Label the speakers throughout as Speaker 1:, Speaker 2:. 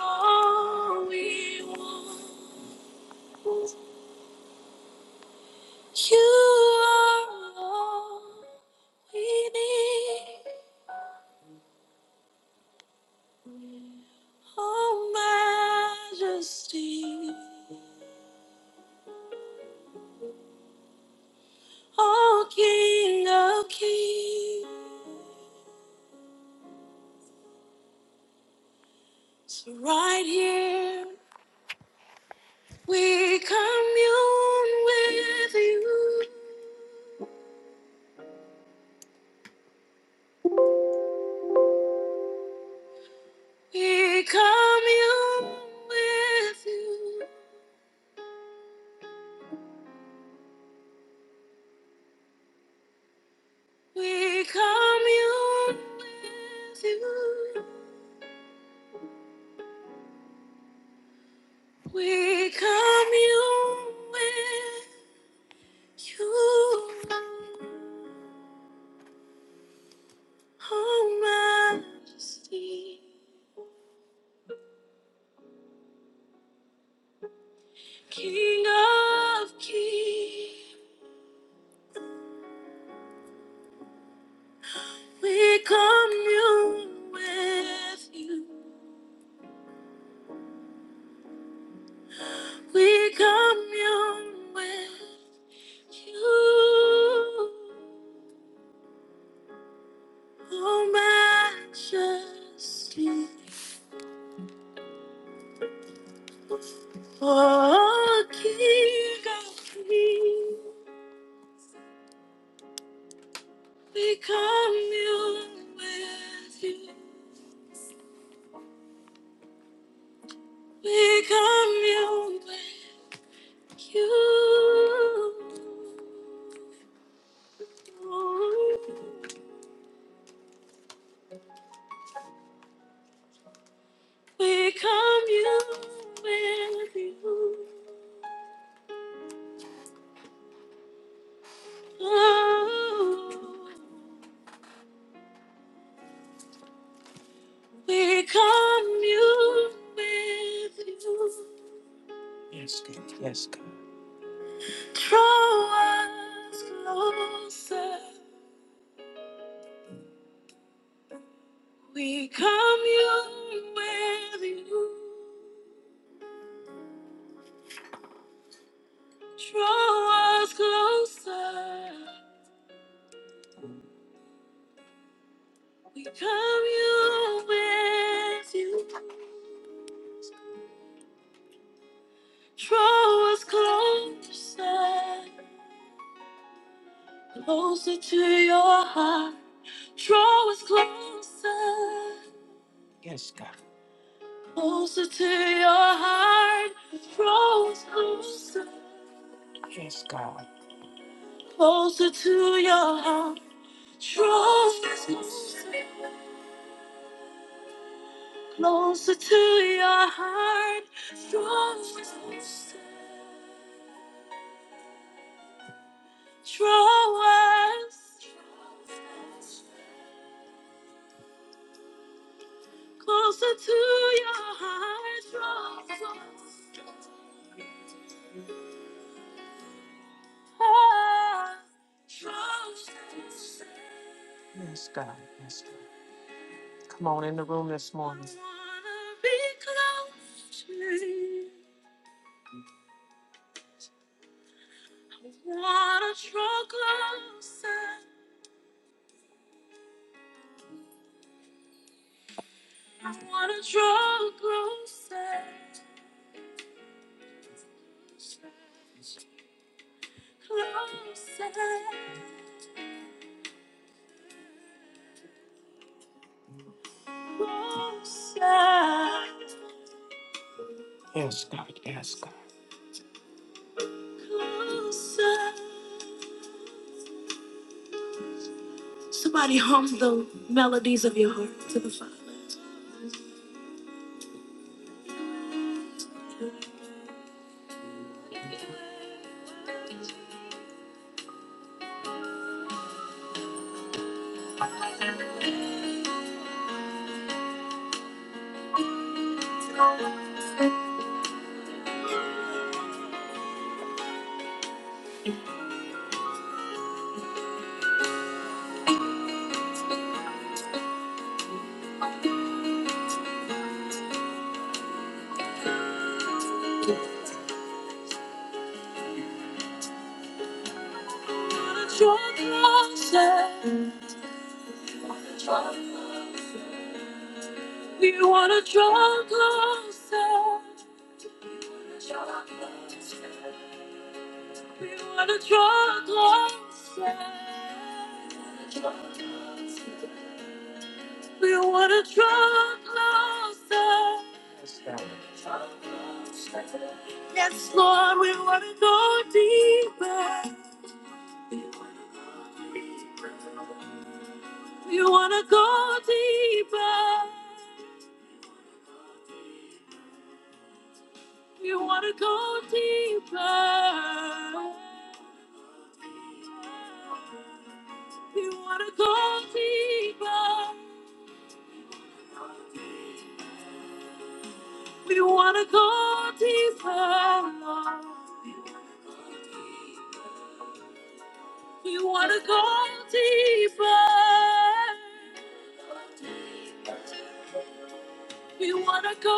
Speaker 1: all we want. You are all we need. Oh, majesty, oh, king of kings. So right here, we commune with you. We commune with you. We commune with you. We commune with you, O Majesty, King of Kings. We commune with you. We commune with you, O Majesty, O King of Kings. We commune with you. We commune with you. We commune with you. Oh, we commune with you. Yes, God. Yes, God. Draw us closer. We commune with you. Draw us closer. We commune with you. Draw us closer. Closer to your heart. Draw us closer. Yes, God. Closer to your heart. Draw us closer. Yes, God. Closer to your heart. Draw us closer. Closer to your heart, draw us, draw us. Closer to your heart, draw us, draw us. Yes, God. Yes, God. Come on in the room this morning. I wanna be close to you. I wanna draw closer. I wanna draw closer, closer, closer. Yes, God. Yes, God. Closer. Somebody hum the melodies of your heart to the Father. Wanna draw closer. wanna draw closer. We wanna draw closer. We wanna draw closer. We wanna Yes, Draw closer. Yes, Lord, we wanna go deeper. We wanna go deeper. You want to go deeper. We want to go deeper. We want to go deeper, Lord. We want to go deeper. We want to go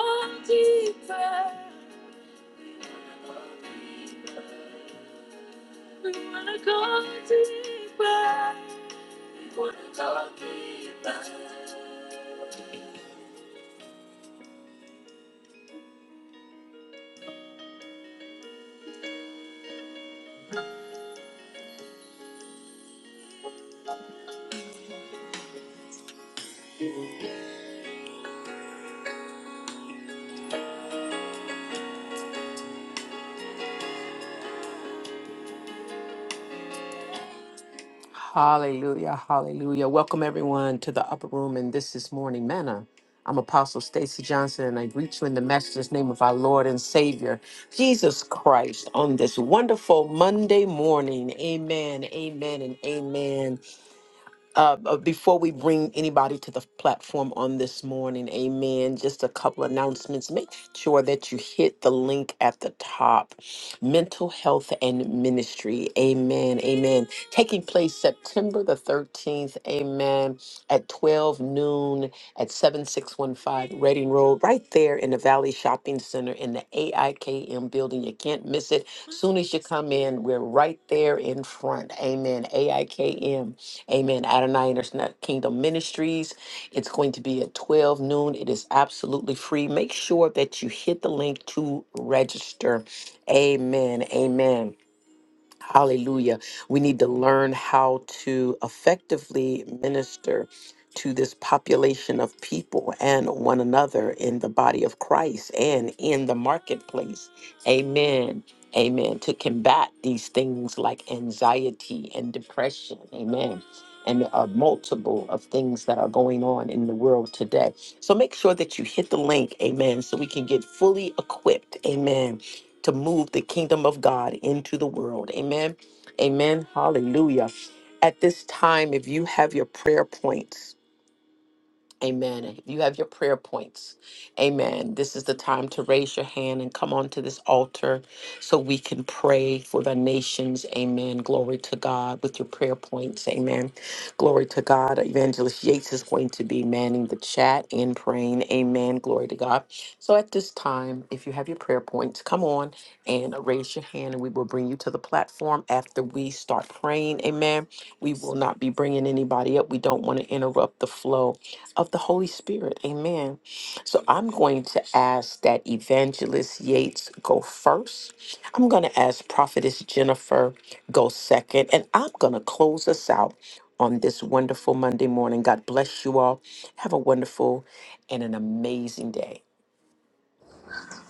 Speaker 1: deeper. We wanna go deeper. wanna go deeper. Hallelujah, hallelujah. Welcome everyone to the upper room and this is Morning Manna. I'm Apostle Stacy Johnson and I greet you in the matchless name of our Lord and Savior, Jesus Christ, on this wonderful Monday morning. Amen, amen, and amen. uh, uh, before we bring anybody to the platform on this morning, amen, just a couple announcements. Make sure that you hit the link at the top Mental Health and Ministry, amen, amen. Taking place September the 13th, amen, at 12 noon at 7615 Reading Road, right there in the Valley Shopping Center in the AIKM building. You can't miss it. Soon as you come in, we're right there in front, amen, AIKM. Amen. Adonai International Kingdom Ministries. It's going to be at 12 noon. It is absolutely free. Make sure that you hit the link to register. Amen. Amen. Hallelujah. We need to learn how to effectively minister to this population of people and one another in the body of Christ and in the marketplace. Amen. Amen. To combat these things like anxiety and depression. Amen. And a multiple of things that are going on in the world today. So make sure that you hit the link, amen, so we can get fully equipped, amen, to move the kingdom of God into the world. Amen. Amen. Hallelujah. At this time, if you have your prayer points, Amen. You have your prayer points. Amen. This is the time to raise your hand and come onto this altar so we can pray for the nations. Amen. Glory to God with your prayer points. Amen. Glory to God. Evangelist Yates is going to be manning the chat and praying. Amen. Glory to God. So at this time, if you have your prayer points, come on and raise your hand and we will bring you to the platform after we start praying. Amen. We will not be bringing anybody up. We don't want to interrupt the flow of the Holy Spirit. Amen. So I'm going to ask that Evangelist Yates go first. I'm going to ask Prophetess Jennifer go second. And I'm going to close us out on this wonderful Monday morning. God bless you all. Have a wonderful and an amazing day.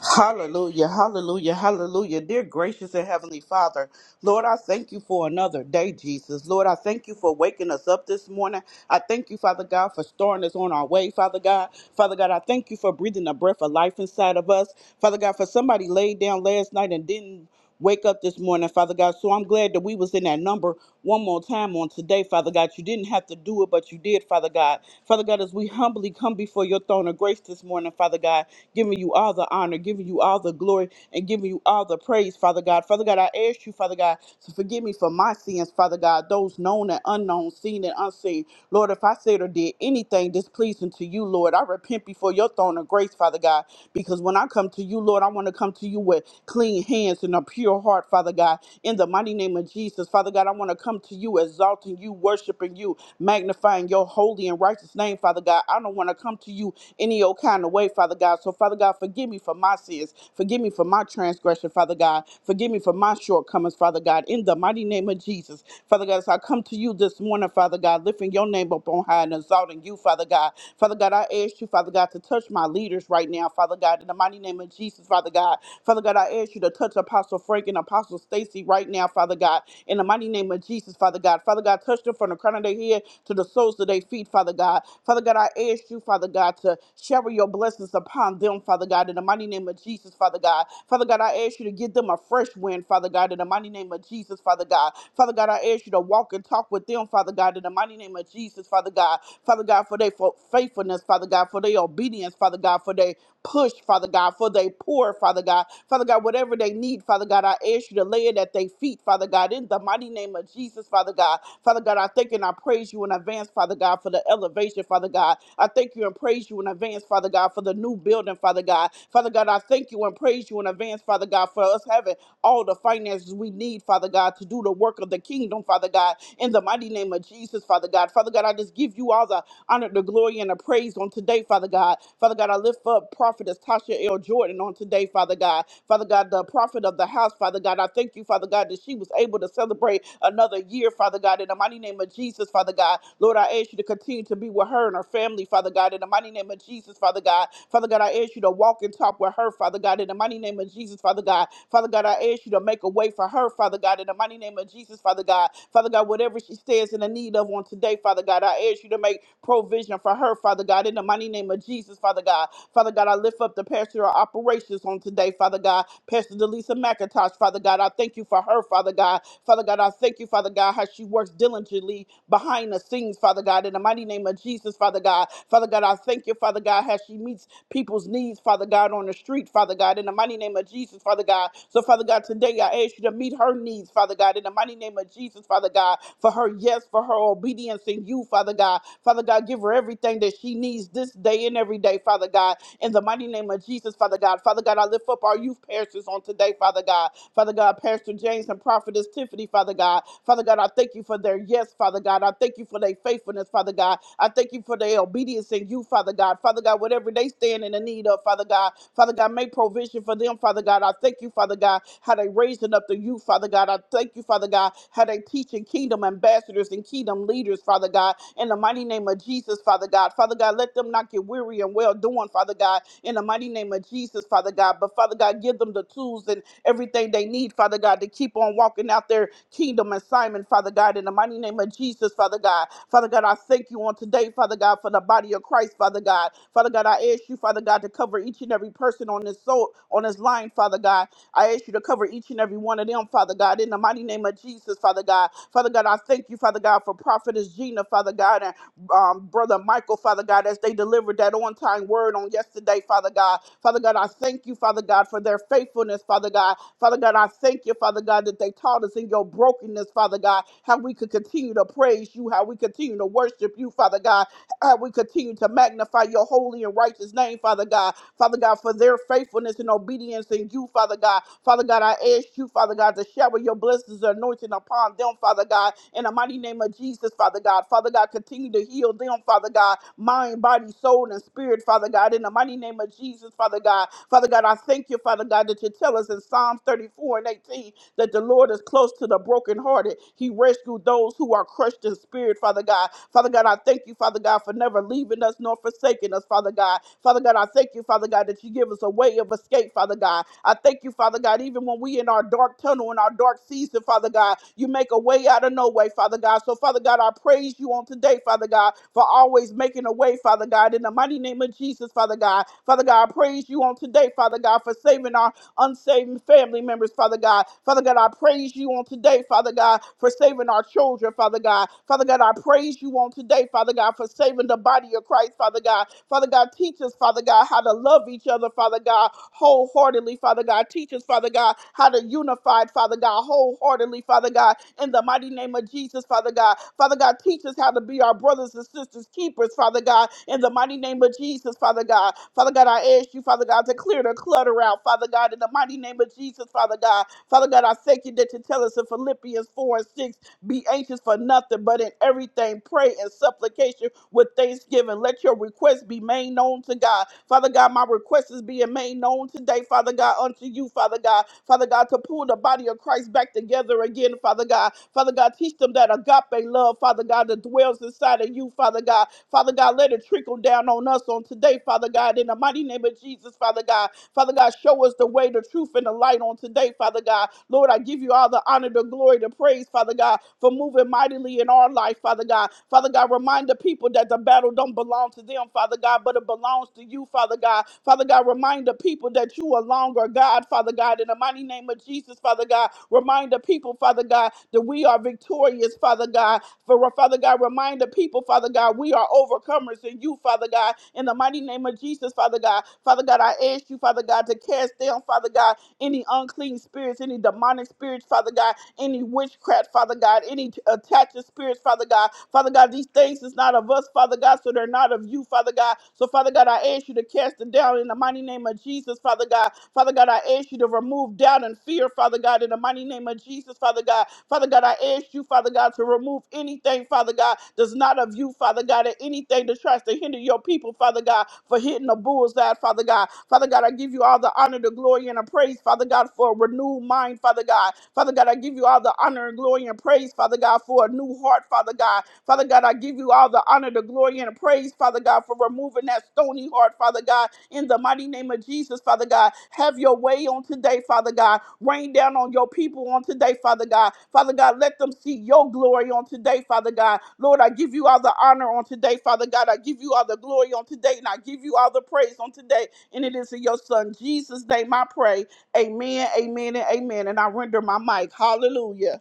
Speaker 2: Hallelujah, hallelujah, hallelujah. Dear gracious and heavenly Father, Lord, I thank you for another day, Jesus. Lord, I thank you for waking us up this morning. I thank you, Father God, for storing us on our way, Father God. Father God, I thank you for breathing the breath of life inside of us. Father God, for somebody laid down last night and didn't wake up this morning, Father God. So I'm glad that we was in that number one more time on today, Father God. You didn't have to do it, but you did, Father God. Father God, as we humbly come before your throne of grace this morning, Father God, giving you all the honor, giving you all the glory, and giving you all the praise, Father God. Father God, I ask you, Father God, to forgive me for my sins, Father God, those known and unknown, seen and unseen thing. Lord, if I said or did anything displeasing to you, Lord, I repent before your throne of grace, Father God, because when I come to you, Lord, I want to come to you with clean hands and a pure heart, Father God, in the mighty name of Jesus. Father God, I want to come to you, exalting you, worshiping you, magnifying your holy and righteous name, Father God. I don't want to come to you any old kind of way, Father God. So, Father God, God, forgive me for my sins. Forgive me for my transgression, Father God. Forgive me for my shortcomings, Father God. In the mighty name of Jesus, Father God, as I come to you this morning, Father God, lifting your name up on high and exalting you, Father God. Father God, I ask you, Father God, to touch my leaders right now, Father God. In the mighty name of Jesus, Father God. Father God, I ask you to touch Apostle Frank and Apostle Stacy right now, Father God. In the mighty name of Jesus, Father God. Father God, touch them from the crown of their head to the soles of their feet, Father God. Father God, I ask you, Father God, to shower your blessings upon them, Father God, in the mighty name of Jesus, Father God. Father God, I ask you to give them a fresh wind, Father God, in the mighty name of Jesus, Father God. Father God, I ask you to walk and talk with them, Father God, in the mighty name of Jesus, Father God. Father God, for their fo- faithfulness, Father God, for their obedience, Father God, for their push, Father God, for they poor, Father God. Father God, whatever they need, Father God, I ask you to lay it at their feet, Father God, in the mighty name of Jesus, Father God. Father God, I thank and I praise you in advance, Father God, for the elevation, Father God. I thank you and praise you in advance, Father God, for the new building, Father God. Father God, I thank you and praise you in advance, Father God, for us having all the finances we need, Father God, to do the work of the kingdom, Father God, in the mighty name of Jesus, Father God. Father God, I just give you all the honor, the glory, and the praise on today, Father God. Father God, I lift up Prophetess Tasha L. Jordan on today, Father God. Father God, the prophet of the house, Father God, I thank you, Father God, that she was able to celebrate another year, Father God, in the mighty name of Jesus, Father God. Lord, I ask you to continue to be with her and her family, Father God, in the the mighty name of Jesus, Father God. Father God, I ask you to walk and talk with her, Father God, in the mighty name of Jesus, Father God. Father God, I ask you to make a way for her, Father God, in the mighty name of Jesus, Father God. Father God, whatever she stands in the need of on today, Father God, I ask you to make provision for her, Father God, in the mighty name of Jesus, Father God. Father God, I lift up the pastor of operations on today, Father God. Pastor Delisa McIntosh, Father God, I thank you for her, Father God. Father God, I thank you, Father God, how she works diligently behind the scenes, Father God, in the mighty name of Jesus, Father God. Father God, I thank you, Father God, how she meets people's needs, Father God, on the street, Father God, in the mighty name of Jesus, Father God. So, Father God, today I ask you to meet her needs, Father God, in the mighty name of Jesus, Father God, for her yes, for her obedience in you, Father God. Father God, give her everything that she needs this day and every day, Father God, in the mighty name of Jesus, Father God. Father God, I lift up our youth pastors on today, Father God. Father God, Pastor James and Prophetess Tiffany, Father God. Father God, I thank you for their yes, Father. God. I thank you for their faithfulness, Father God. I thank you for their obedience in you, Father God. Father God, whatever they stand in the need of, Father God. Father God, make provision for them, Father God. I thank you, Father God, how they raising up the youth, Father God. I thank you, Father God, how they teaching kingdom ambassadors and kingdom leaders, Father God. In the mighty name of Jesus, Father God. Father God, let them not get weary and well doing, Father God. In the mighty name of Jesus, Father God. But Father God, give them the tools and everything they need, Father God, to keep on walking out their kingdom assignment, Father God, in the mighty name of Jesus, Father God. Father God, I thank you on today, Father God, for the body of Christ, Father God. Father God, I ask you, Father God, to cover each and every person on this soul, on this line, Father God. I ask you to cover each and every one of them, Father God, in the mighty name of Jesus, Father God. Father God, I thank you, Father God, for Prophetess Gina, Father God, and um, Brother Michael, Father God, as they delivered that on time word on yesterday, Father God. Father God, I thank you, Father God, for their faithfulness, Father God. Father God, I thank you, Father God, that they taught us in your brokenness, Father God, how we could continue to praise you, how we continue to worship you, Father God, how we continue to magnify your holy and righteous name, Father God. Father God, for their faithfulness and obedience in you, Father God. Father God, I ask you, Father God, to shower your blessings and anointing upon them, Father God, in the mighty name of Jesus, Father God. Father God, continue to heal them, Father God, mind, body, soul, and spirit, Father God, in the mighty name of Jesus, Father God. Father God, I thank you, Father God, that you tell us in Psalms 34 and 18 that the Lord is close to the brokenhearted. He rescued those who are crushed in spirit, Father God. Father God, I thank you, Father God, for never leaving us nor forsaking us, Father God. Father God, I thank you, Father God, that you give us a way of escape, Father God. I thank you, Father God, even when we in our dark tunnel, in our dark season, Father God, you make a way out of no way, Father God. So, Father God, I praise you on today, Father God, for always making a way, Father God, in the mighty name of Jesus, Father God. Father God, I praise you on today, Father God, for saving our unsaved family members, Father God. Father God, I praise you on today, Father God, for saving our children, Father God. Father God, I praise you on today, Father God, for saving the body of Christ, Father God. Father God, teach us, Father God, how to love each other, Father God, wholeheartedly, Father God. Teach us, Father God, how to unify, Father God, wholeheartedly, Father God in the mighty name of Jesus, Father God. Father God, teach us how to be our brothers and sisters, keepers, Father God, in the mighty name of Jesus, Father God. Father God, I ask you, Father God, to clear the clutter out, Father God, in the mighty name of Jesus, Father God. Father God, I thank you that you tell us in Philippians 4 and 6, be anxious for nothing, but in everything, pray and supplication with thanksgiving. Let your request be made known to God. Father God, my request is being made known today, Father God, unto you, Father God. Father God, to pull the body of Christ back together again, Father God. Father God, teach them that agape love, Father God, that dwells inside of you, Father God. Father God, let it trickle down on us on today, Father God, in the mighty name of Jesus, Father God. Father God, show us the way, the truth, and the light on today, Father God. Lord, I give you all the honor, the glory, the praise, Father God, for moving mightily in our life, Father God. Father God, remind the people that the battle don't belong to them, Father God, but it belongs to you, Father God. Father God, remind the people that you alone are God, Father God, in the mighty name of Jesus, Father God. Remind the people, Father God, that we are victorious, Father God. For Father God, remind the people, Father God, we are overcomers in you, Father God, in the mighty name of Jesus, Father God. Father God, I ask you, Father God, to cast down, Father God, any unclean spirits, any demonic spirits, Father God, any witchcraft, Father God, any t- attaching spirits, Father God. Father God, these things is not of us, Father God, so they're not of you, Father God. So, Father God, I ask you to cast them down in the mighty name of Jesus, Father God. Father God, I ask you to remove doubt and fear, Father God, in the mighty name of Jesus, Father God. Father God, I ask you, Father God, to remove anything, Father God, that's not of you, Father God, and anything that tries to hinder your people, Father God, for hitting the bullseye, Father God. Father God, I give you all the honor, the glory, and the praise, Father God, for a renewed mind, Father God. Father God, I give you all the honor and glory and praise, Father God, for a new heart, Father God. Father God, I give you all the honor, the glory, and the praise, praise, Father God, for removing that stony heart, Father God, in the mighty name of Jesus, Father God. Have your way on today, Father God. Rain down on your people on today, Father God. Father God, let them see your glory on today, Father God. Lord, I give you all the honor on today, Father God. I give you all the glory on today, and I give you all the praise on today. And it is in your Son, Jesus' name, I pray. Amen, amen, and amen. And I render my mic. Hallelujah.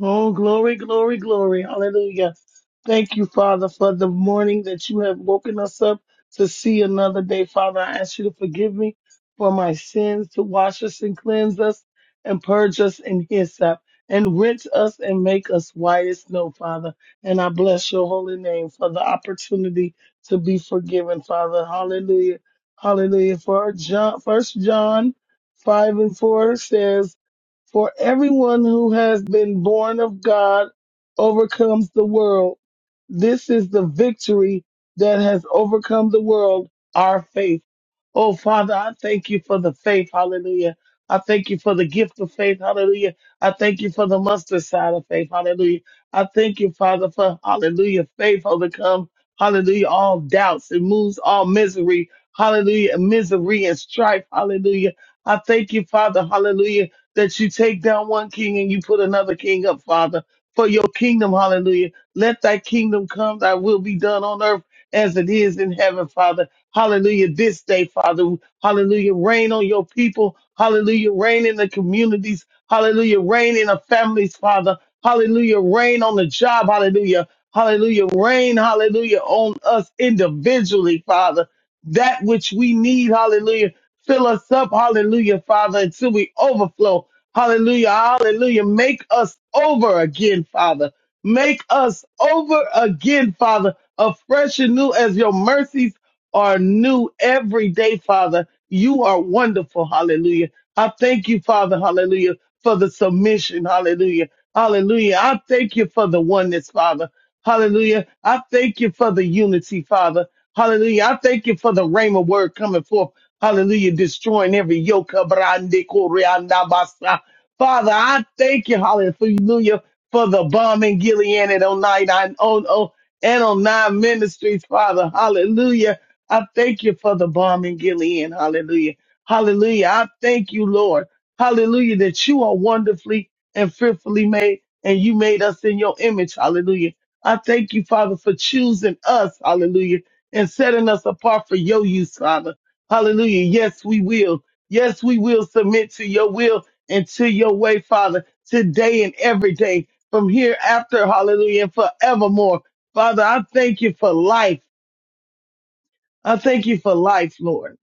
Speaker 3: Oh, glory, glory, glory. Hallelujah. Thank you, Father, for the morning that you have woken us up to see another day. Father, I ask you to forgive me for my sins, to wash us and cleanse us and purge us in hyssop and rinse us and make us white as snow, Father. And I bless your holy name for the opportunity to be forgiven, Father. Hallelujah. Hallelujah. For John, first John 5 and 4 says, for everyone who has been born of God overcomes the world. This is the victory that has overcome the world, our faith. Oh, Father, I thank you for the faith. Hallelujah. I thank you for the gift of faith. Hallelujah. I thank you for the mustard side of faith. Hallelujah. I thank you, Father, for hallelujah. Faith overcomes, hallelujah, all doubts. It moves all misery. Hallelujah. Misery and strife. Hallelujah. I thank you, Father. Hallelujah that you take down one king and you put another king up, Father, for your kingdom. Hallelujah. Let thy kingdom come, thy will be done on earth as it is in heaven, Father. Hallelujah. This day, Father. Hallelujah. Reign on your people. Hallelujah. Reign in the communities. Hallelujah. Reign in the families, Father. Hallelujah. Reign on the job. Hallelujah. Hallelujah. Reign, hallelujah, on us individually, Father. That which we need, hallelujah. Fill us up, hallelujah, Father, until we overflow. Hallelujah. Hallelujah. Make us over again, Father. Make us over again, Father, afresh and new as your mercies are new every day, Father. You are wonderful. Hallelujah. I thank you, Father. Hallelujah. For the submission. Hallelujah. Hallelujah. I thank you for the oneness, Father. Hallelujah. I thank you for the unity, Father. Hallelujah. I thank you for the rhema word coming forth. Hallelujah. Destroying every yoke. Father, I thank you, hallelujah, for the bomb in Gilead and on nine and on oh, and on nine ministries, Father, hallelujah. I thank you for the bomb in Gilead, hallelujah, hallelujah. I thank you, Lord, hallelujah, that you are wonderfully and fearfully made, and you made us in your image, hallelujah. I thank you, Father, for choosing us, hallelujah, and setting us apart for your use, Father, hallelujah. Yes, we will. Yes, we will submit to your will into your way, Father, today and every day, from hereafter, hallelujah, and forevermore. Father, I thank you for life. I thank you for life, Lord.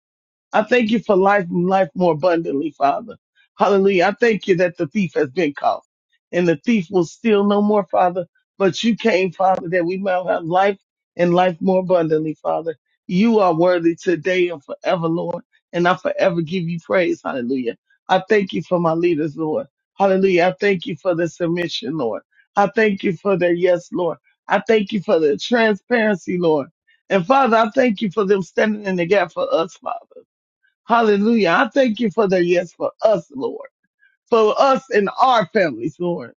Speaker 3: I thank you for life and life more abundantly, Father. Hallelujah. I thank you that the thief has been caught and the thief will steal no more, Father. But you came, Father, that we might have life and life more abundantly, Father. You are worthy today and forever, Lord, and I forever give you praise. Hallelujah. I thank you for my leaders, Lord. Hallelujah. I thank you for the submission, Lord. I thank you for their yes, Lord. I thank you for the transparency, Lord. And Father, I thank you for them standing in the gap for us, Father. Hallelujah. I thank you for the yes for us, Lord for us and our families, Lord,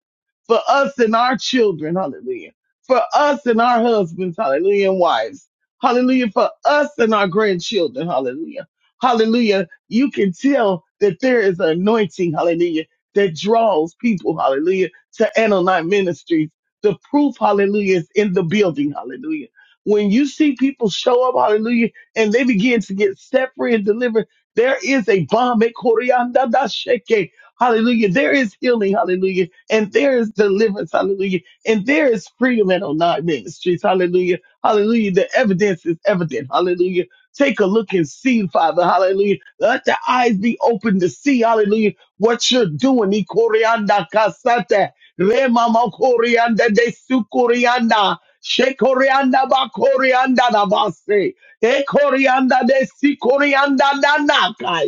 Speaker 3: for us and our children, hallelujah, for us and our husbands, hallelujah, and wives, hallelujah, for us and our grandchildren, hallelujah, hallelujah. You can tell that there is an anointing, hallelujah, that draws people, hallelujah, to Anonite Ministries. The proof, hallelujah, is in the building, hallelujah. When you see people show up, hallelujah, and they begin to get set free and delivered, there is a bomb Hallelujah. There is healing. Hallelujah. And there is deliverance. Hallelujah. And there is freedom at Onan Ministries. Hallelujah. Hallelujah. The evidence is evident. Hallelujah. Take a look and see, Father. Hallelujah. Let the eyes be open to see. Hallelujah. What you're doing. Ikorianda kasata. Remama korianda de sukorianda. Shekorianda ba korianda na base. E korianda de si korianda na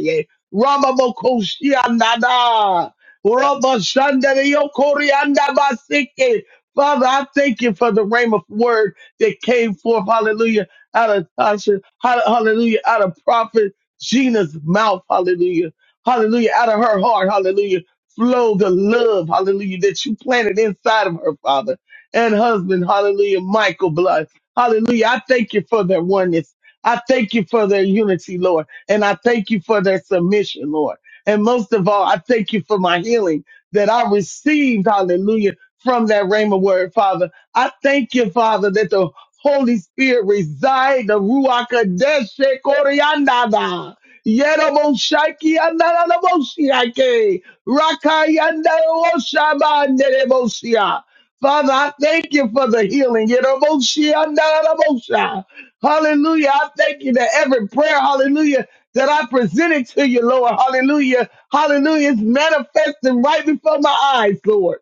Speaker 3: Ramamokoshiandada. Rabashandariyokoriandabasike. Father, I thank you for the rhema word that came forth, hallelujah, out of Tasha, hall- hallelujah, out of prophet Gina's mouth, hallelujah, hallelujah, out of her heart, hallelujah, flow the love, hallelujah, that you planted inside of her, Father, and husband, hallelujah, Michael Blood, hallelujah. I thank you for their oneness. I thank you for their unity, Lord. And I thank you for their submission, Lord. And most of all, I thank you for my healing that I received, hallelujah, from that Rhema word, Father. I thank you, Father, that the Holy Spirit reside, the Ruach Kodesh, Koriandaba, Yeroboshaiki, Andaraboshiake, Rakayandaraboshabanderebosia. Father, I thank you for the healing. Yeroboshi, Andarabosha. Hallelujah. I thank you that every prayer, hallelujah, that I presented to you, Lord. Hallelujah. Hallelujah. It's manifesting right before my eyes, Lord.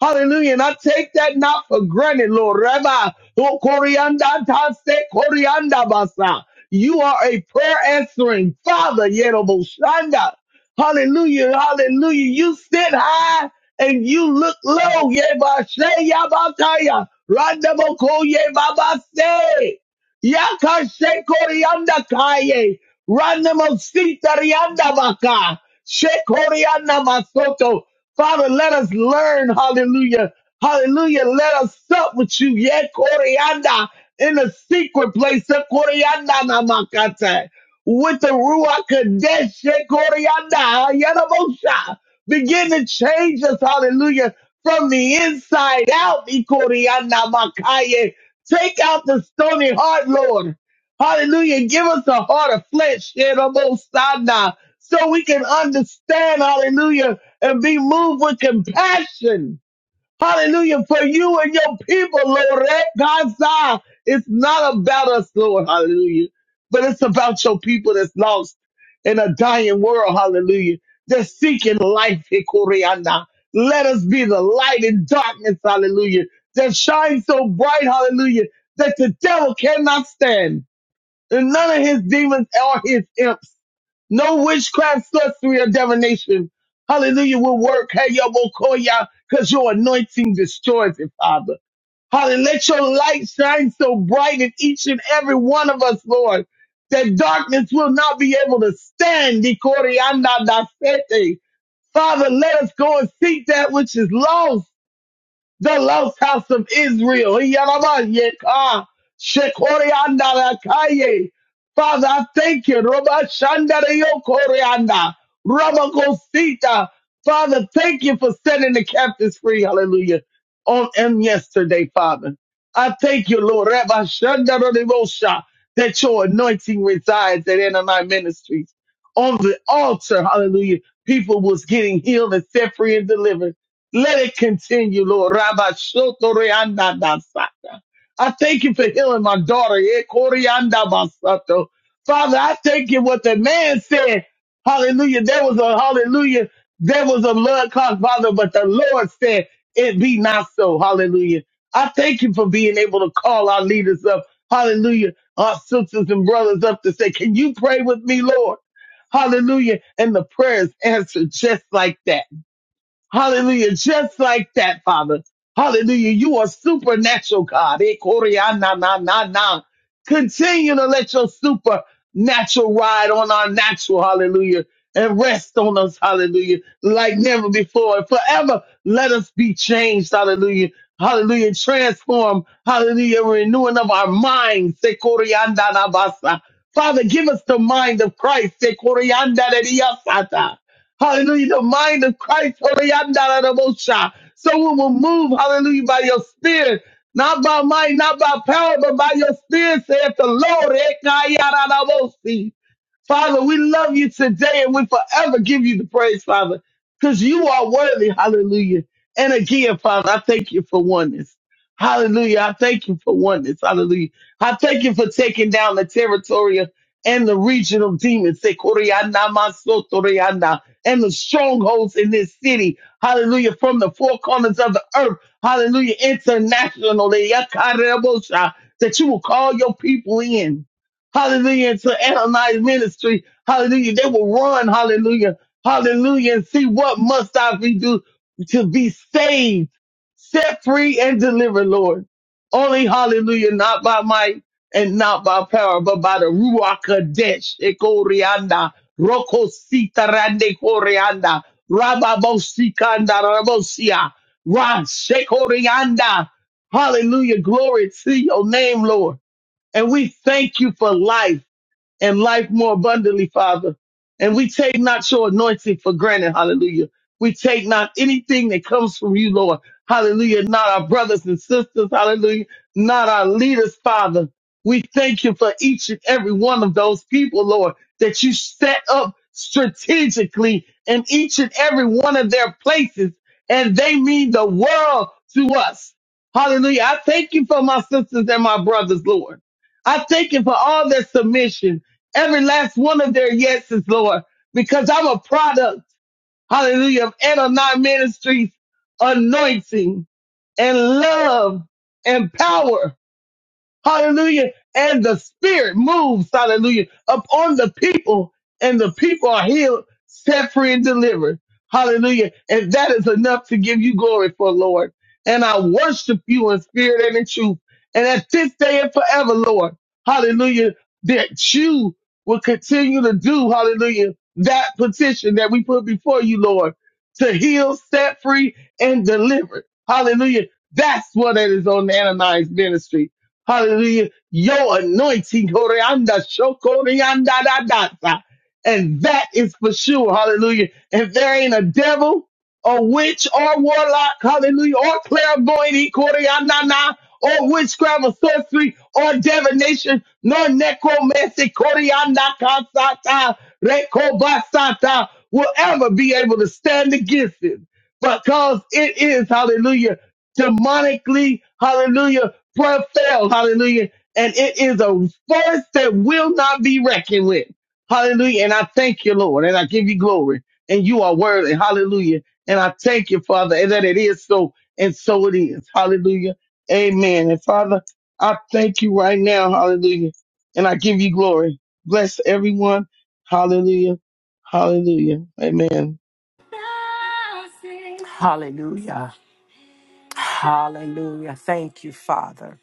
Speaker 3: Hallelujah. And I take that not for granted, Lord. Rabbi, oh, Corianda, Tase, Corianda, Basa. You are a prayer answering Father, Yeroboshanda. Hallelujah. Hallelujah. You sit high and you look low. Yebashe, Yabataya. Randaboko, Yebabase. Yakashe, Corianda, Kaye. Randamosita, Rianda, Baka. Shekorianda, Masoto. Father, let us learn, hallelujah, hallelujah, let us sup with you, yet, Koreanda, in the secret place, eh, Koreanda namakata, with the Ruach Kadesh, eh, Koreanda, Yarabosha. begin to change us, hallelujah, from the inside out, eh, Koreanda makaye. take out the stony heart, Lord. Hallelujah. Give us a heart of flesh, eh, Rabosana, so we can understand, hallelujah, and be moved with compassion. Hallelujah. For you and your people, Lord. Eh, God's eye. It's not about us, Lord. Hallelujah. But it's about your people that's lost in a dying world. Hallelujah. They're seeking life. Eh, Koreana. Let us be the light in darkness. Hallelujah. That shines so bright. Hallelujah. That the devil cannot stand. And none of his demons are his imps. No witchcraft, sorcery, or divination. Hallelujah will work. Hey, yo, Bokoya, because your anointing destroys it, Father. Hallelujah. Let your light shine so bright in each and every one of us, Lord, that darkness will not be able to stand. Ikorianda dasete. Father, let us go and seek that which is lost the lost house of Israel. Yarabasheka, Shekoriandalakaye. Father, I thank you. Robashandarayokorianda, Robakosita. Father, thank you for setting the captives free. Hallelujah. On and yesterday, Father. I thank you, Lord. Rabashandarayosha, That your anointing resides at end of my ministries. On the altar, hallelujah. People was getting healed and set free and delivered. Let it continue, Lord. Rabba Shoto Reanda Basata. I thank you for healing my daughter. Eh, Corianda Basato. Father, I thank you what the man said. Hallelujah. There was a hallelujah. There was a blood clot, Father, but the Lord said it be not so. Hallelujah. I thank you for being able to call our leaders up. Hallelujah. Our sisters and brothers up to say, can you pray with me, Lord? Hallelujah. And the prayers answered just like that. Hallelujah. Just like that, Father. Hallelujah. You are supernatural God. Eh, Korea, na, na, na, na. Continue to let your supernatural ride on our natural. Hallelujah. And rest on us. Hallelujah. Like never before. And forever let us be changed. Hallelujah. Hallelujah. Transform. Hallelujah. Renewing of our minds. Eh, Korea, na, na, basa. Father, give us the mind of Christ. Eh, Korea, na, na, na, na, na. Hallelujah. The mind of Christ. Hallelujah. Someone will move. Hallelujah. By your spirit. Not by might, not by power, but by your spirit, saith the Lord. Ekayaradabosi. Father, we love you today and we forever give you the praise, Father, because you are worthy. Hallelujah. And again, Father, I thank you for oneness. Hallelujah. I thank you for oneness. Hallelujah. I thank you for taking down the territorial and the regional demons. Sekoriana masotoriana and the strongholds in this city. Hallelujah. From the four corners of the earth. Hallelujah. Internationally. Yakarebosha. That you will call your people in. Hallelujah. And To Ananias ministry. Hallelujah. They will run. Hallelujah. Hallelujah. And see what must I be do to be saved, set free and delivered, Lord. Only hallelujah, not by might and not by power, but by the Ruach Kadesh, Roko sita rande koreanda. Raba bosikanda rabosia. Ra shekorianda. Hallelujah. Glory to your name, Lord. And we thank you for life and life more abundantly, Father. And we take not your anointing for granted. Hallelujah. We take not anything that comes from you, Lord. Hallelujah. Not our brothers and sisters. Hallelujah. Not our leaders, Father. We thank you for each and every one of those people, Lord, that you set up strategically in each and every one of their places. And they mean the world to us. Hallelujah. I thank you for my sisters and my brothers, Lord. I thank you for all their submission every last one of their yeses, Lord, because I'm a product, hallelujah, of Adonai Ministries anointing and love and power Hallelujah. And the spirit moves, hallelujah, upon the people and the people are healed, set free and delivered. Hallelujah. And that is enough to give you glory for Lord. And I worship you in spirit and in truth. And at this day and forever, Lord, hallelujah, that you will continue to do, hallelujah, that petition that we put before you, Lord, to heal, set free and deliver. Hallelujah. That's what it is on Ananias ministry. Hallelujah. Your anointing, Koreanda, Shokorianda, da, da, da. and that is for sure. Hallelujah. If there ain't a devil, or witch, or warlock, hallelujah, or clairvoyant, Koreanda, na, or witchcraft, or sorcery, or divination, nor necromancy, Koreanda, kasata, rekobasata, will ever be able to stand against it because it is, hallelujah, demonically, hallelujah prayer fails. Hallelujah. And it is a force that will not be reckoned with. Hallelujah. And I thank you, Lord, and I give you glory. And you are worthy. Hallelujah. And I thank you, Father, and that it is so, and so it is. Hallelujah. Amen. And Father, I thank you right now. Hallelujah. And I give you glory. Bless everyone. Hallelujah. Hallelujah. Amen.
Speaker 1: Hallelujah. Hallelujah. Thank you, Father.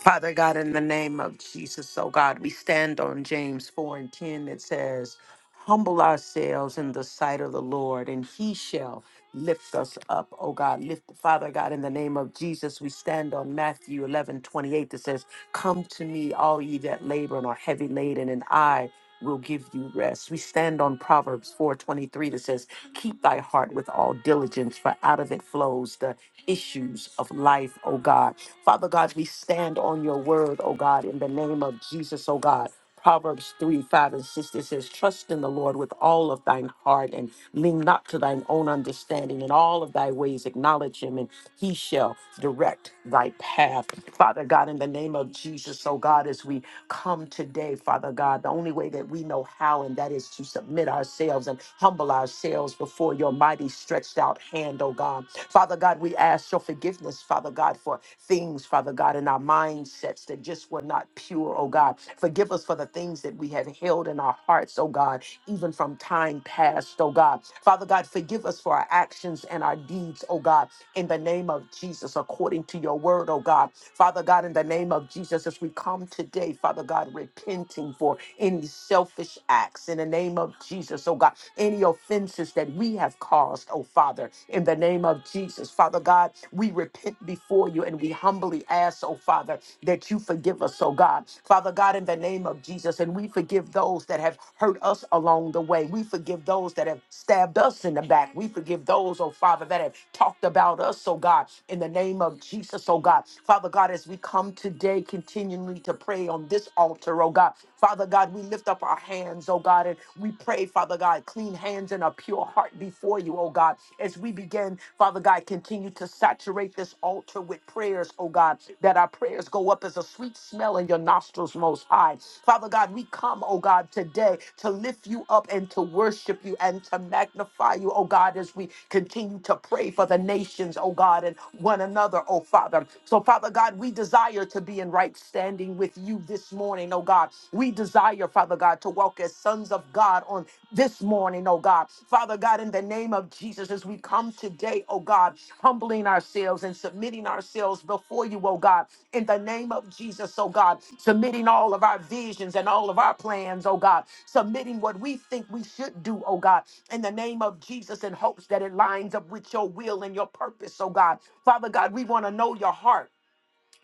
Speaker 1: Father God, in the name of Jesus, oh God, we stand on James 4 and 10 that says, Humble ourselves in the sight of the Lord, and he shall lift us up, oh God. Lift, Father God, in the name of Jesus, we stand on Matthew 11 28 that says, Come to me, all ye that labor and are heavy laden, and I will give you rest. We stand on Proverbs 4:23 that says, "Keep thy heart with all diligence, for out of it flows the issues of life, O God." Father God, we stand on your word, oh God, in the name of Jesus, oh God. Proverbs 3, 5, and 6 it says, Trust in the Lord with all of thine heart and lean not to thine own understanding. In all of thy ways acknowledge him, and he shall direct thy path. Father God, in the name of Jesus, oh God, as we come today, Father God, the only way that we know how, and that is to submit ourselves and humble ourselves before your mighty stretched out hand, oh God. Father God, we ask your forgiveness, Father God, for things, Father God, in our mindsets that just were not pure, oh God. Forgive us for the things that we have held in our hearts, oh God, even from time past, oh God. Father God, forgive us for our actions and our deeds, oh God in the name of Jesus, according to your word, oh God. Father God, in the name of Jesus, as we come today, Father God, repenting for any selfish acts in the name of Jesus, oh God, any offenses that we have caused, oh Father, in the name of Jesus, Father God, we repent before you and we humbly ask, oh Father, that you forgive us, oh God. Father God, in the name of Jesus, and we forgive those that have hurt us along the way. We forgive those that have stabbed us in the back. We forgive those, oh Father, that have talked about us, oh God, in the name of Jesus, oh God. Father God, as we come today continually to pray on this altar, oh God. Father God, we lift up our hands, oh God, and we pray, Father God, clean hands and a pure heart before you, oh God, as we begin, Father. Father God, continue to saturate this altar with prayers, oh God, that our prayers go up as a sweet smell in your nostrils most high. Father God, we come, oh God, today to lift you up and to worship you and to magnify you, oh God, as we continue to pray for the nations, oh God, and one another, oh Father. So, Father God, we desire to be in right standing with you this morning, oh God. We desire, Father God, to walk as sons of God on this morning, oh God. Father God, in the name of Jesus, as we come today, oh God, humbling ourselves and submitting ourselves before you, oh God, in the name of Jesus, oh God, submitting all of our visions and all of our plans, oh God, submitting what we think we should do, oh God, in the name of Jesus, in hopes that it lines up with your will and your purpose, oh God. Father God, we want to know your heart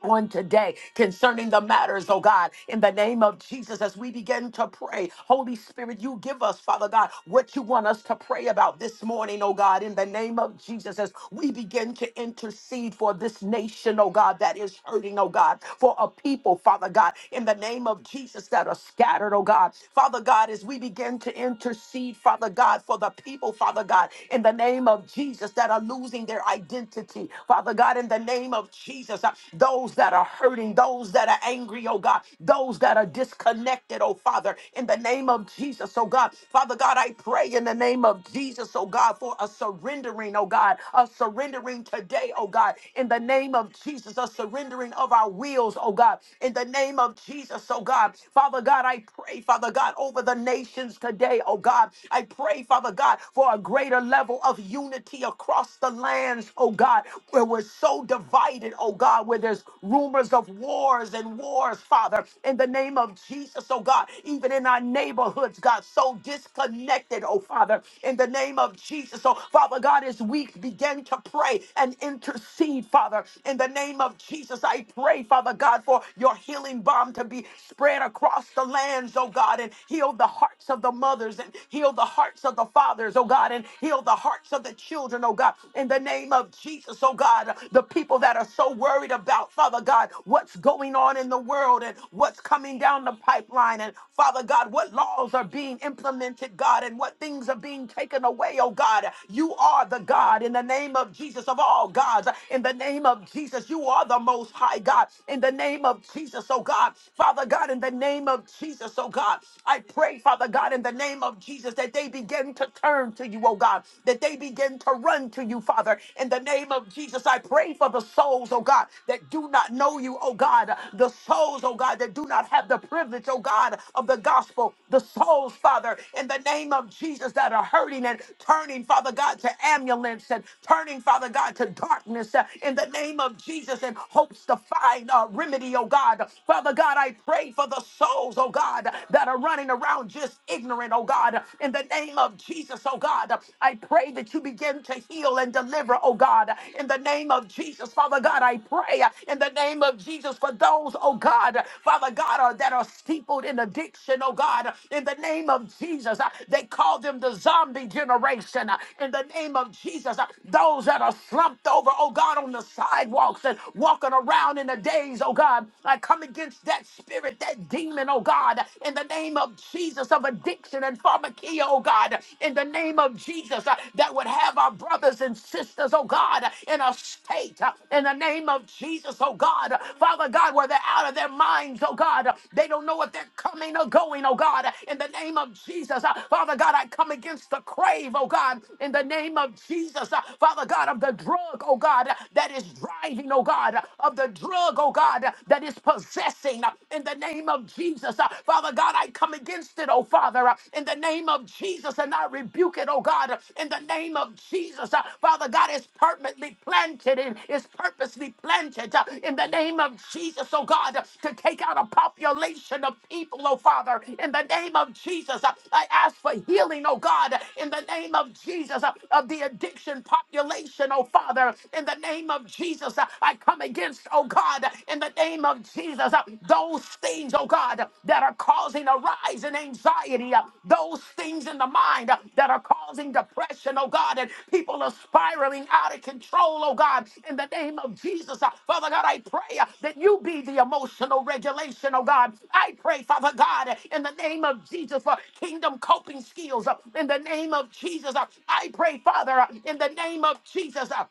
Speaker 1: on today concerning the matters, oh God, in the name of Jesus, as we begin to pray, Holy Spirit, you give us, Father God, what you want us to pray about this morning, oh God, in the name of Jesus, as we begin to intercede for this nation, oh God, that is hurting, oh God, for a people, Father God, in the name of Jesus, that are scattered, oh God, Father God, as we begin to intercede, Father God, for the people, Father God, in the name of Jesus, that are losing their identity, Father God. God, in the name of Jesus. Uh, Those that are hurting, those that are angry, oh God, those that are disconnected, oh Father, in the name of Jesus, oh God. Father God, I pray in the name of Jesus, oh God, for a surrendering, oh God, a surrendering today, oh God, in the name of Jesus, a surrendering of our wills, oh God, in the name of Jesus, oh God. Father God, I pray, Father God, over the nations today, oh God. I pray, Father God, for a greater level of unity across the lands, oh God, where we're so divided, oh God, where there's rumors of wars and wars, Father, in the name of Jesus, oh God, even in our neighborhoods, God, so disconnected, oh Father, in the name of Jesus. So, Father God, as we begin to pray and intercede, Father, in the name of Jesus, I pray, Father God, for your healing balm to be spread across the lands, oh God, and heal the hearts of the mothers and heal the hearts of the fathers, oh God, and Heal the hearts of the children, oh God, in the name of Jesus, oh God. The people that are so worried about, Father God, what's going on in the world and what's coming down the pipeline, and Father God, what laws are being implemented, God, and what things are being taken away, oh God. You are the God in the name of Jesus of all gods. In the name of Jesus, you are the most high God. In the name of Jesus, oh God. Father God, in the name of Jesus, oh God. I pray, Father God, in the name of Jesus. Jesus, that they begin to turn to you, oh God, that they begin to run to you, Father. In the name of Jesus, I pray for the souls, oh God, that do not know you, oh God, the souls, oh God, that do not have the privilege, oh God, of the gospel, the souls, Father, in the name of Jesus, that are hurting and turning, Father God, to ambulance and turning, Father God, to darkness uh, in the name of Jesus and hopes to find a remedy, oh God. Father God, I pray for the souls, oh God, that are running running around just ignorant, oh God. In the name of Jesus, oh God, I pray that you begin to heal and deliver, oh God. In the name of Jesus, Father God, I pray in the name of Jesus for those, oh God, Father God, are, that are steepled in addiction, oh God. In the name of Jesus, uh, they call them the zombie generation. Uh, In the name of Jesus, uh, those that are slumped over, oh God, on the sidewalks and walking around in the days, oh God, I come against that spirit that demon, oh God, in the name of Jesus of addiction and pharmakia, oh God, in the name of Jesus, uh, that would have our brothers and sisters, oh God, in a state, uh, in the name of Jesus, oh God, Father God, where they're out of their minds, oh God, they don't know if they're coming or going, oh God, in the name of Jesus, uh, Father God, I come against the crave, oh God, in the name of Jesus, uh, Father God, of the drug, oh God, that is driving, oh God, of the drug, oh God, uh, that is possessing uh, in the name of Jesus. Uh, Father God, I come against it, oh Father, uh, in the name of Jesus, and I rebuke it, oh God, uh, in the name of Jesus. Uh, Father God, it's permanently planted and it's purposely planted uh, in the name of Jesus, oh God, uh, to take out a population of people, oh Father, in the name of Jesus. Uh, I ask for healing, oh God, uh, in the name of Jesus, uh, of the addiction population, oh Father, in the name of Jesus. Uh, I come against, oh God, in the name of Jesus, uh, those things, oh God, that are causing a rise in anxiety, uh, those things in the mind uh, that are causing depression, oh God, and people are spiraling out of control, oh God, in the name of Jesus. uh, Father God, I pray uh, that you be the emotional regulation, oh God. I pray, Father God, uh, in the name of Jesus for kingdom coping skills, uh, in the name of Jesus. uh, I pray, Father, uh, in the name of Jesus. uh,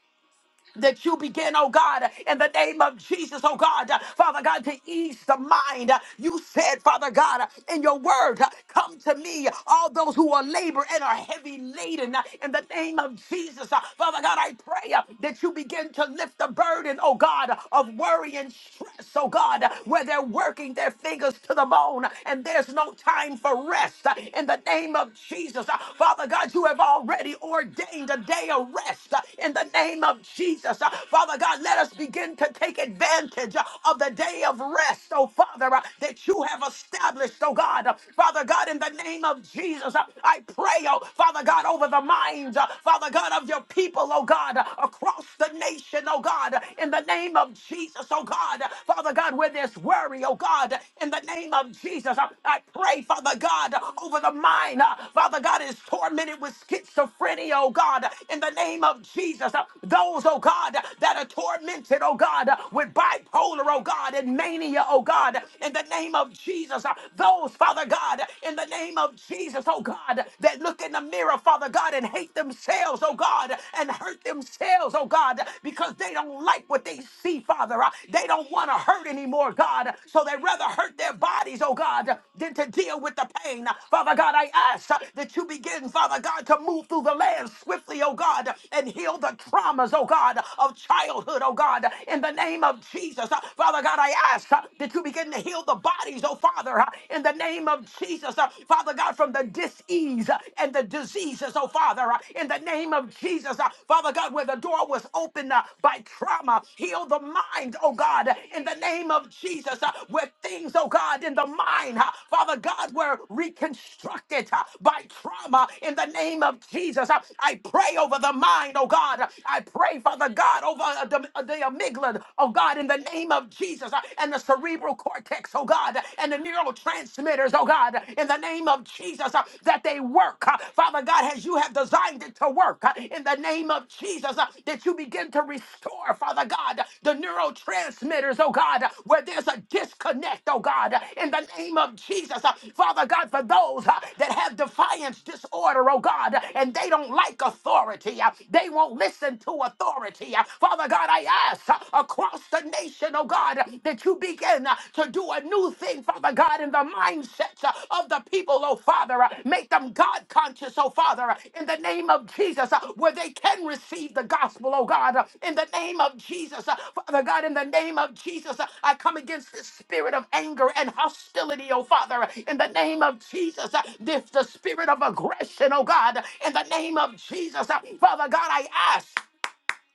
Speaker 1: that you begin, oh God, in the name of Jesus, oh God, Father God, to ease the mind. You said, Father God, in your word, come to me, all those who are labor and are heavy laden, in the name of Jesus. Father God, I pray that you begin to lift the burden, oh God, of worry and stress, oh God, where they're working their fingers to the bone and there's no time for rest, in the name of Jesus. Father God, you have already ordained a day of rest, in the name of Jesus. Jesus. Uh, Father God, let us begin to take advantage uh, of the day of rest, oh Father, uh, that you have established, oh God. Uh, Father God, in the name of Jesus, uh, I pray, oh Father God, over the minds, uh, Father God, of your people, oh God, uh, across the nation, oh God, uh, in the name of Jesus, oh God. Uh, Father God, where there's worry, oh God, uh, in the name of Jesus, uh, I pray, Father God, uh, over the mind, uh, Father God, is tormented with schizophrenia, oh God, uh, in the name of Jesus. Uh, Those, those, oh God, that are tormented, oh God, with bipolar, oh God, and mania, oh God, in the name of Jesus. Those, Father God, in the name of Jesus, oh God, that look in the mirror, Father God, and hate themselves, oh God, and hurt themselves, oh God, because they don't like what they see, Father. They don't want to hurt anymore, God, so they rather hurt their bodies, oh God, than to deal with the pain. Father God, I ask that you begin, Father God, to move through the land swiftly, oh God, and heal the traumas, remembrance, oh God, of childhood, oh God, in the name of Jesus. Uh, Father God, I ask uh, that you begin to heal the bodies, oh Father, uh, in the name of Jesus. Uh, Father God, from the disease uh, and the diseases, oh Father, uh, in the name of Jesus. Uh, Father God, where the door was opened uh, by trauma, heal the mind, oh God, in the name of Jesus, uh, where things, oh God, in the mind, uh, Father God, were reconstructed uh, by trauma, in the name of Jesus. Uh, I pray over the mind, oh God. I pray, Father God, over uh, the, uh, the amygdala, oh God, in the name of Jesus, uh, and the cerebral cortex, oh God, and the neurotransmitters, oh God, in the name of Jesus, uh, that they work, uh, Father God, as you have designed it to work, uh, in the name of Jesus, uh, that you begin to restore, Father God, the neurotransmitters, oh God, where there's a disconnect, oh God, in the name of Jesus, uh, Father God, for those uh, that have defiance disorder, oh God, and they don't like authority, uh, they won't listen to into authority. Uh, Father God, I ask uh, across the nation, oh God, uh, that you begin uh, to do a new thing, Father God, in the mindsets uh, of the people, oh Father. Uh, Make them God conscious, oh Father, uh, in the name of Jesus, uh, where they can receive the gospel, oh God, uh, in the name of Jesus. Uh, Father God, in the name of Jesus, uh, I come against the spirit of anger and hostility, oh Father, uh, in the name of Jesus. Uh, This the spirit of aggression, oh God, in the name of Jesus. Uh, Father God, I ask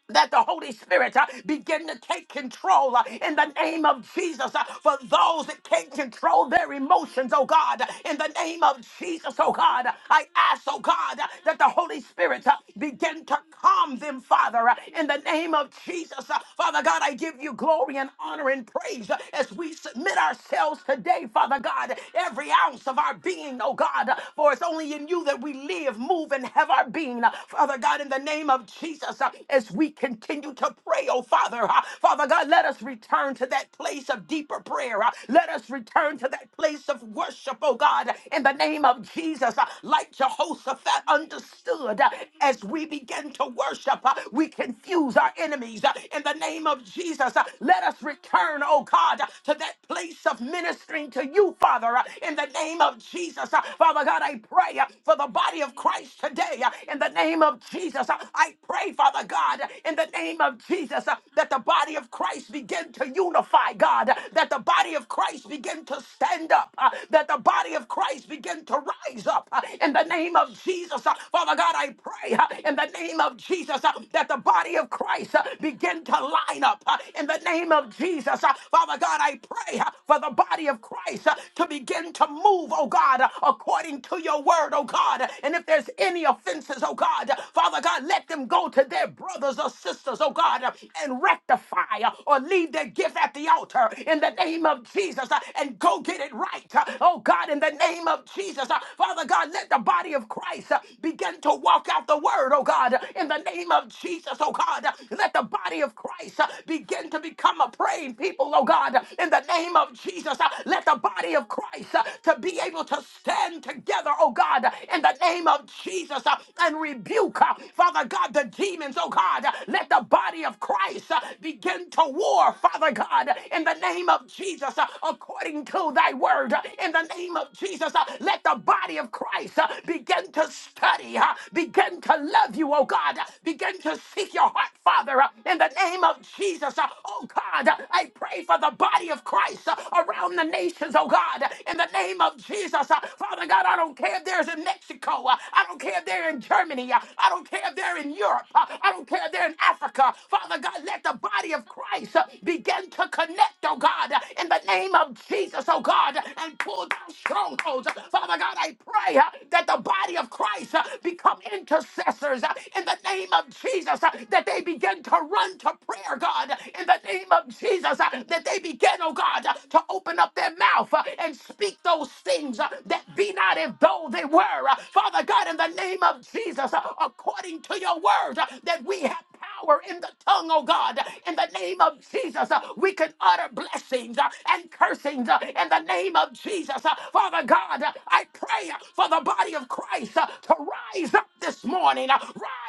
Speaker 1: that the Holy Spirit uh, begin to take control uh, in the name of Jesus uh, for those that can't control their emotions, oh God, in the name of Jesus, oh God. I ask, oh God, uh, that the Holy Spirit uh, begin to calm them, Father, uh, in the name of Jesus. Uh, Father God, I give you glory and honor and praise uh, as we submit ourselves today, Father God, every ounce of our being, oh God, uh, for it's only in you that we live, move, and have our being, uh, Father God, in the name of Jesus. Jesus as we continue to pray, oh Father. Uh, Father God, let us return to that place of deeper prayer. Uh, Let us return to that place of worship, oh God, in the name of Jesus. Uh, Like Jehoshaphat understood, uh, as we begin to worship, uh, we confuse our enemies. Uh, In the name of Jesus, uh, let us return, oh God, uh, to that place of ministering to you, Father, uh, in the name of Jesus. Uh, Father God, I pray uh, for the body of Christ today. uh, In the name of Jesus, Uh, I pray pray, Father God, in the name of Jesus, uh, that the body of Christ begin to unify, God, that the body of Christ begin to stand up, uh, that the body of Christ begin to rise up uh, in the name of Jesus. uh, Father God, I pray uh, in the name of Jesus uh, that the body of Christ uh, begin to line up uh, in the name of Jesus. uh, Father God, I pray uh, for the body of Christ uh, to begin to move, oh God, uh, according to your word, oh God. And if there's any offenses, oh God, Father God, let them let them go to their brothers or sisters, oh God, uh, and rectify uh, or leave their gift at the altar in the name of Jesus uh, and go get it right, uh, oh God, in the name of Jesus. uh, Father God, let the body of Christ uh, begin to walk out the word, oh God, uh, in the name of Jesus, oh God. uh, Let the body of Christ uh, begin to become a praying people, oh God, uh, in the name of Jesus. uh, Let the body of Christ uh, to be able to stand together, oh God, uh, in the name of Jesus uh, and rebuke. uh, Father God, the demons, oh God, let the body of Christ uh, begin to war, Father God, in the name of Jesus, uh, according to thy word, uh, in the name of Jesus, uh, let the body of Christ uh, begin to study, uh, begin to love you, oh God, begin to seek your heart, Father, uh, in the name of Jesus, uh, oh God, I pray for the body of Christ uh, around the nations, oh God, in the name of Jesus, uh, Father God, I don't care if there's in Mexico, uh, I don't care if they're in Germany, uh, I don't care if they're in Europe. Uh, I don't care if they're in Africa. Father God, let the body of Christ uh, begin to connect, oh God, uh, in the name of Jesus, oh God, uh, and pull down strongholds. Uh, Father God, I pray uh, that the body of Christ uh, become intercessors uh, in the name of Jesus, uh, that they begin to run to prayer, God, uh, in the name of Jesus, uh, that they begin, oh God, uh, to open up their mouth uh, and speak those things uh, that be not as though they were. Uh, Father God, in the name of Jesus, Jesus, uh, according to your word, uh, that we have power in the tongue, oh God. In the name of Jesus, uh, we can utter blessings uh, and cursings uh, in the name of Jesus. Uh, Father God, uh, I pray uh, for the body of Christ uh, to rise up this morning, uh,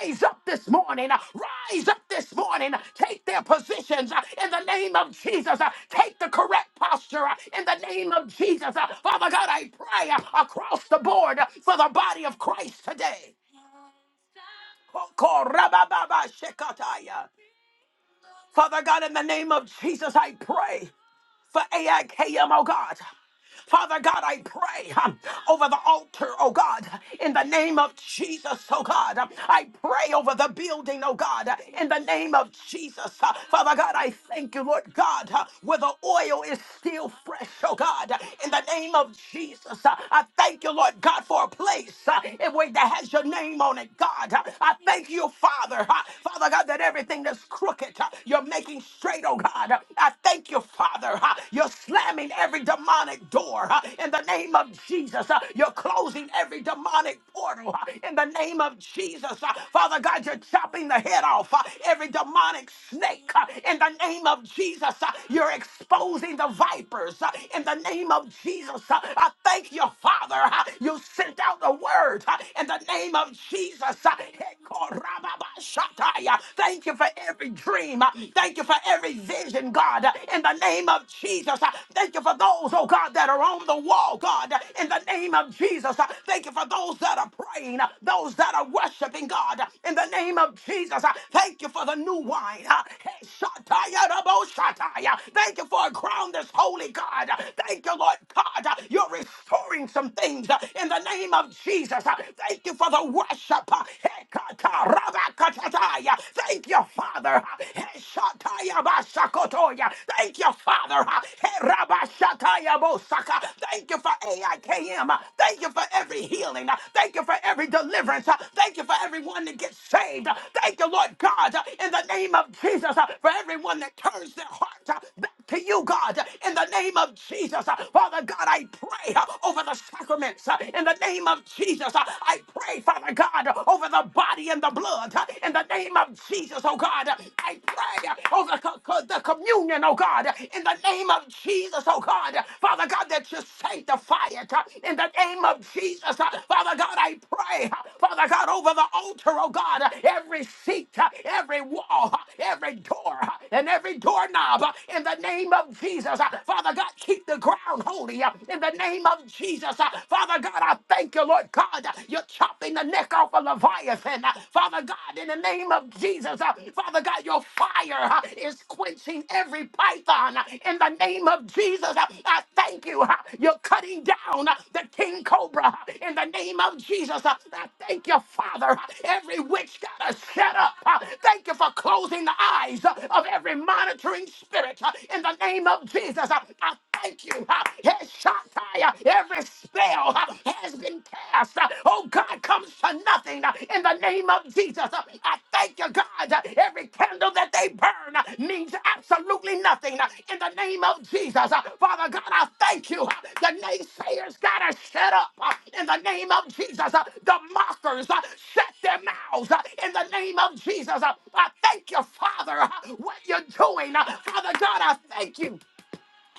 Speaker 1: rise up this morning, uh, rise up this morning, uh, take their positions uh, in the name of Jesus, uh, take the correct posture uh, in the name of Jesus. Uh, Father God, I pray uh, across the board uh, for the body of Christ today. Father God, in the name of Jesus, I pray for AIKM, oh God. Father God, I pray um, over the altar, oh God, in the name of Jesus, oh God. I pray over the building, oh God, in the name of Jesus. Uh, Father God, I thank you, Lord God, uh, where the oil is still fresh, oh God, in the name of Jesus. Uh, I thank you, Lord God, for a place uh, in which that has your name on it, God. Uh, I thank you, Father, uh, Father God, that everything that's crooked, uh, you're making straight, oh God. I thank you, Father together. huh? You're slamming every demonic door huh? in the name of Jesus. huh? You're closing every demonic portal huh? in the name of Jesus. huh? Father God, you're chopping the head off huh? every demonic snake huh? in the name of Jesus. huh? You're exposing the vipers huh? in the name of Jesus. huh? I thank you, Father. huh? You sent out the word huh? in the name of Jesus. huh? Thank you for every dream. Thank you for every vision, God, uh, in the name of Jesus. Uh, Thank you for those, oh God, that are on the wall, God, uh, in the name of Jesus. Uh, Thank you for those that are praying, uh, those that are worshiping, God, uh, in the name of Jesus. Uh, Thank you for the new wine. uh, hey, Shataya Rabo Shataya. Thank you for a crown that's holy, God. Uh, Thank you, Lord God. uh, You're restoring some things uh, in the name of Jesus. Uh, Thank you for the worship. uh, Shaddai. Thank you, Father. Shaddai Basakotoya. Thank you, Father. Herabashataya Bosaka. Thank you for AIKM. Thank you for every healing. Thank you for every deliverance. Thank you for everyone that gets saved. Thank you, Lord God, in the name of Jesus, for everyone that turns their heart to you, God, in the name of Jesus. Father God, I pray uh, over the sacraments uh, in the name of Jesus. Uh, I pray, Father God, over the body and the blood uh, in the name of Jesus, oh God. I pray uh, over co- co- the communion, oh God, in the name of Jesus, oh God. Father God, that you sanctify it uh, in the name of Jesus. Uh, Father God, I pray. Father God, over the altar, oh God, every seat, every wall, every door, and every doorknob, in the name of Jesus. Father God, keep the ground holy, in the name of Jesus. Father God, I thank you, Lord God, you're chopping the neck off a Leviathan. Father God, in the name of Jesus, Father God, your fire is quenching every python, in the name of Jesus, I thank you. You're cutting down the king cobra. In the name of Jesus, I thank you, Father. Every witch got to shut up. Thank you for closing the eyes of every monitoring spirit. In the name of Jesus, I thank you. Head shot, every spell has been cast. Oh God, comes tonight nothing uh, in the name of Jesus. Uh, I thank you, God. Uh, Every candle that they burn uh, means absolutely nothing uh, in the name of Jesus. Uh, Father God, I thank you. Uh, The naysayers got to shut up uh, in the name of Jesus. Uh, The mockers uh, shut their mouths uh, in the name of Jesus. Uh, I thank you, Father, uh, what you're doing. Uh, Father God, I thank you.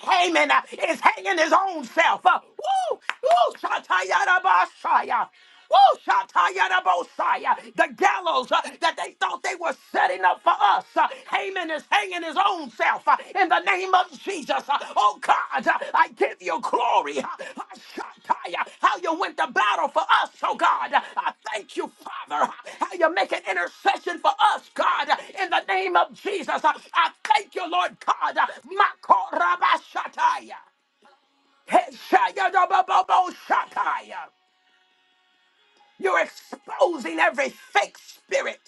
Speaker 1: Haman uh, is hanging his own self. Uh, woo, woo, shatayarabashaya. Woo, shatayarabosaya. The gallows uh, that they thought they were setting up for us. Uh, Haman is hanging his own self uh, in the name of Jesus. Uh, oh, God. I give you glory. Ashakaya, How you went to battle for us, oh God. I thank you, Father. How you make an intercession for us, God. In the name of Jesus, I thank you, Lord God. Makorabashataya. Heshayadabababoshataya. You're exposing every fake spirit.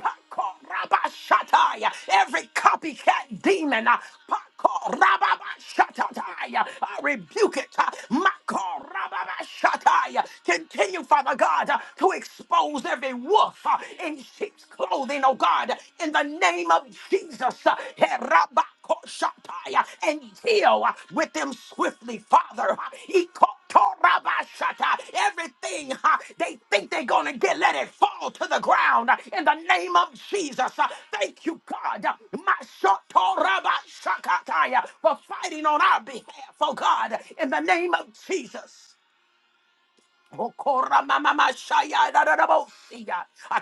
Speaker 1: Pako rabashataya. Every copycat demon. uh, Pako rababashatataya. I rebuke it. uh, Mako rababashataya. Continue, Father God, uh, to expose every wolf uh, in sheep's clothing, oh God, in the name of Jesus. uh, Herabakoshataya. And deal uh, with them swiftly, Father. uh, Torabashata. Everything huh, they think they're going to get, let it fall to the ground uh, in the name of Jesus. Uh, Thank you, God, uh, Mashotorabashakataya, for fighting on our behalf, oh God, in the name of Jesus. I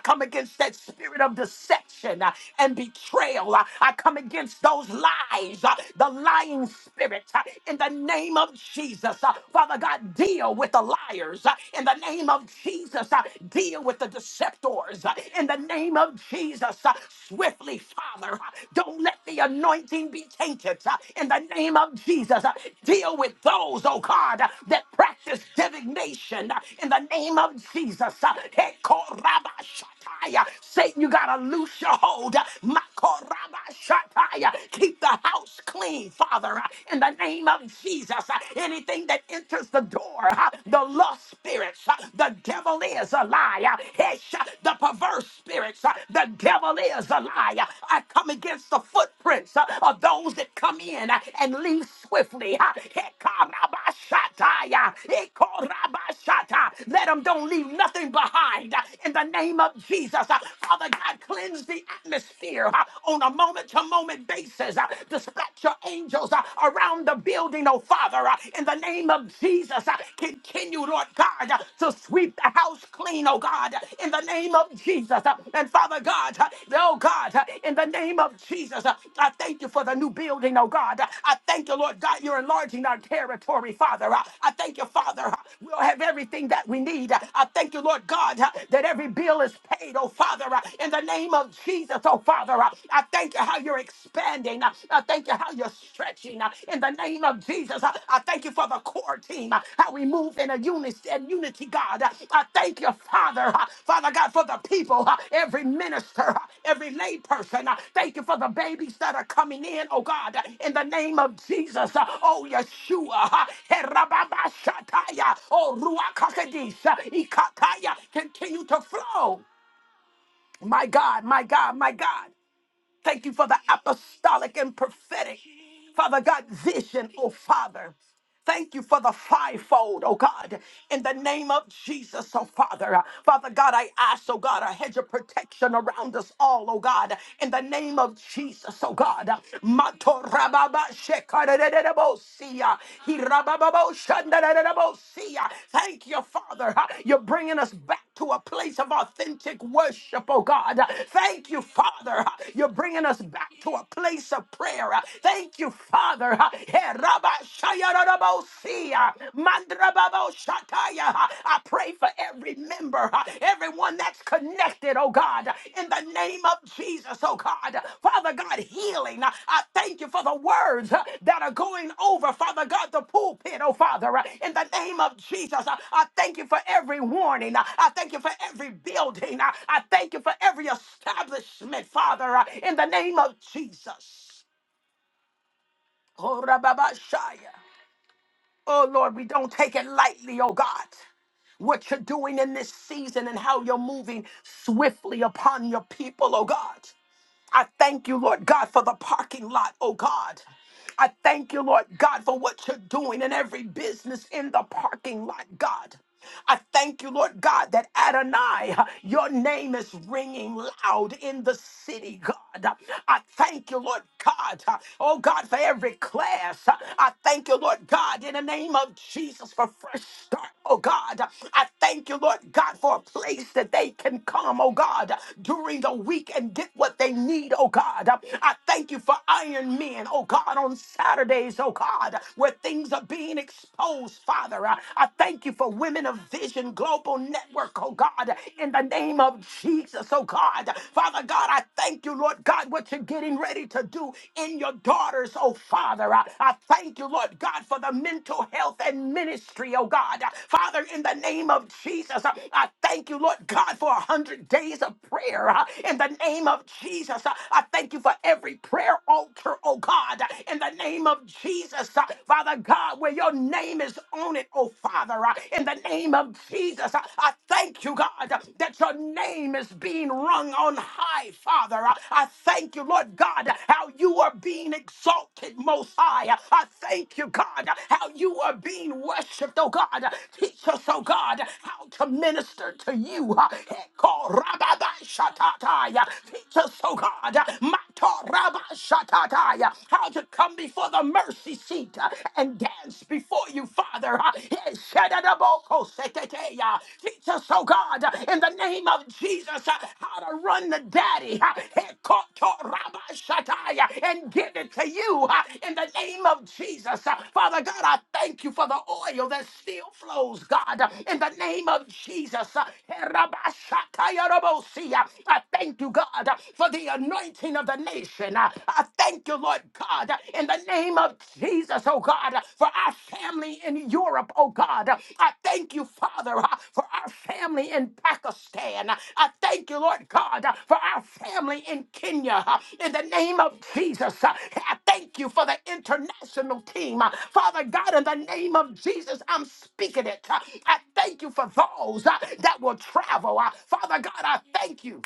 Speaker 1: come against that spirit of deception uh, and betrayal. Uh, I come against those lies, uh, the lying spirit, uh, in the name of Jesus. Uh, Father God, deal with the liars uh, in the name of Jesus. Uh, Deal with the deceptors uh, in the name of Jesus. Uh, Swiftly, Father, uh, don't let the anointing be tainted uh, in the name of Jesus. Uh, Deal with those, oh God, uh, that practice divination uh, in the name of Jesus. Uh, Hekorabashataya. Satan, you got to loose your hold. Uh, Makorabashataya. Keep the house clean, Father, uh, in the name of Jesus. Uh, Anything that enters the door, uh, the lust spirits, uh, the devil is a liar, Hesha, the perverse spirits footprints. Uh, The devil is a liar. I come against the footprints uh, of those that come in uh, and leave swiftly. Uh, Hekarabashataya, Hekorabashata. Let them don't leave nothing behind. uh, In the name of Jesus, Uh, Father God, cleanse the atmosphere uh, on a moment-to-moment basis. Uh, Dispatch your angels uh, around the building, oh Father. uh, In the name of Jesus, Uh, continue, Lord God, uh, to sweep the house clean, oh God, uh, in the name of Jesus. uh, And Father God, uh, oh God, uh, in the name of Jesus, uh, I thank you for the new building, oh God. Uh, I thank you, Lord God, you're enlarging our territory, Father. Uh, I thank you, Father, uh, we'll have everything that we need. Uh, I thank you, Lord God, uh, that every bill is paid, oh Father, uh, in the name of Jesus, oh Father. Uh, I thank you how you're expanding. I thank you how you're stretching uh, in the name of Jesus. Uh, I thank you for the core team, uh, how we move in a unity and unity, God. Uh, I thank you, Father, uh, Father God, for the people, uh, every minister, uh, every layperson. Uh, Thank you for the babies that are coming in, oh God, uh, in the name of Jesus. Uh, Oh, Yeshua, uh, Herababashataya, oh, Ruach HaKodesh, uh, Ikataya, continue to flow. My God, my God, my God. Thank you for the apostolic and prophetic, Father God, vision, oh Father. Thank you for the fivefold, oh God, in the name of Jesus, oh Father. Father God, I ask, oh God, a hedge of protection around us all, oh God, in the name of Jesus, oh God. Matorababa shekarererebosiya, hirabababo shandarererebosiya. Thank you, Father. You're bringing us back to a place of authentic worship, oh God. Thank you, Father. You're bringing us back to a place of prayer. Thank you, Father. Herabashayararabosia, mandrababoshataya. I pray for every member, uh, everyone that's connected, oh God, in the name of Jesus, oh God. Father God, healing. uh, I thank you for the words uh, that are going over, Father God, the pulpit, oh Father, uh, in the name of Jesus. Uh, I thank you for every warning. Uh, I thank you for every building. Uh, I thank you for every establishment, Father, uh, in the name of Jesus. Oh, Rababashaya. Oh Lord, we don't take it lightly, oh God. What you're doing in this season and how you're moving swiftly upon your people, oh God. I thank you, Lord God, for the parking lot, oh God. I thank you, Lord God, for what you're doing in every business in the parking lot, God. I thank you, Lord God, that Adonai, your name is ringing loud in the city, God. I thank you, Lord God, oh God, for every class. I thank you, Lord God, in the name of Jesus for fresh start, oh God. I thank you, Lord God, for a place that they can come, oh God, during the week and get what they need, oh God. I thank you for iron. Men men, oh God, on Saturdays, oh God, where things are being exposed, Father. I I thank you for Women of Vision Global Network, oh God, in the name of Jesus, oh God. Father God, I thank you, Lord God, what you're getting ready to do in your daughters, oh Father. I, I thank you, Lord God, for the mental health and ministry, oh God. Father, in the name of Jesus, I I thank you, Lord God, for a hundred days of prayer. uh, In the name of Jesus, I I thank you for every every prayer altar, oh God, in the name of Jesus, uh, Father God, where your name is on it, oh Father, uh, in the name of Jesus, uh, I thank you, God, uh, that your name is being rung on high, Father. Uh, I thank you, Lord God, uh, how you are being exalted, Most High. Uh, I thank you, God, uh, how you are being worshipped, oh God. Uh, Teach us, oh God, how to minister to you. uh, Teach us, oh God, Matarabashatataya. How to come before the mercy seat uh, and dance before you, Father. Uh, eh, Teach us, oh God, uh, in the name of Jesus, uh, how to run the daddy uh, eh, and give it to you uh, in the name of Jesus. Uh, Father God, I thank you for the oil that still flows, God, uh, in the name of Jesus. Uh, eh, rabashataya I thank you, God. God, uh, for the anointing of the nation. Uh, I thank you, Lord God, uh, in the name of Jesus, oh God, uh, for our family in Europe, oh God. Uh, I thank you, Father, uh, for our family in Pakistan. Uh, I thank you, Lord God, uh, for our family in Kenya. Uh, In the name of Jesus, uh, I thank you for the international team. Uh, Father God, in the name of Jesus, I'm speaking it. Uh, I thank you for those uh, that will travel. Uh, Father God, I thank you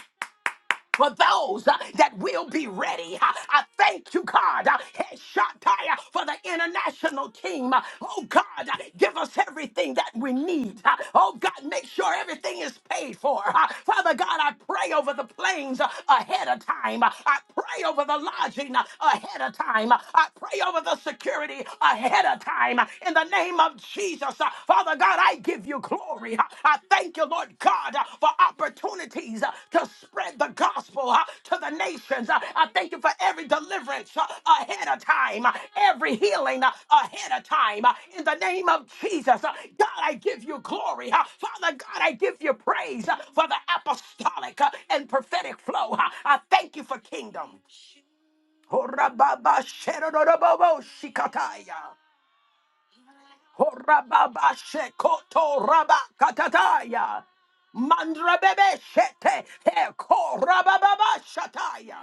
Speaker 1: for those uh, that will be ready. Uh, I thank you, God, uh, hey, Shaddai, uh, for the international team. Uh, Oh, God, uh, give us everything that we need. Uh, Oh, God, make sure everything is paid for. Uh, Father God, I pray over the planes uh, ahead of time. Uh, I pray over the lodging uh, ahead of time. Uh, I pray over the security ahead of time. Uh, In the name of Jesus, Father God, I give you glory. I thank you, Lord God, for opportunities to spread the gospel to the nations. I thank you for every deliverance ahead of time, every healing ahead of time. In the name of Jesus, God, I give you glory. Father God, I give you praise for the apostolic and prophetic flow. I thank you for kingdom. Horababa sherororobobo shikataya. Horababa shekoto raba katataya. Mandrabebe shete he korababa shataya.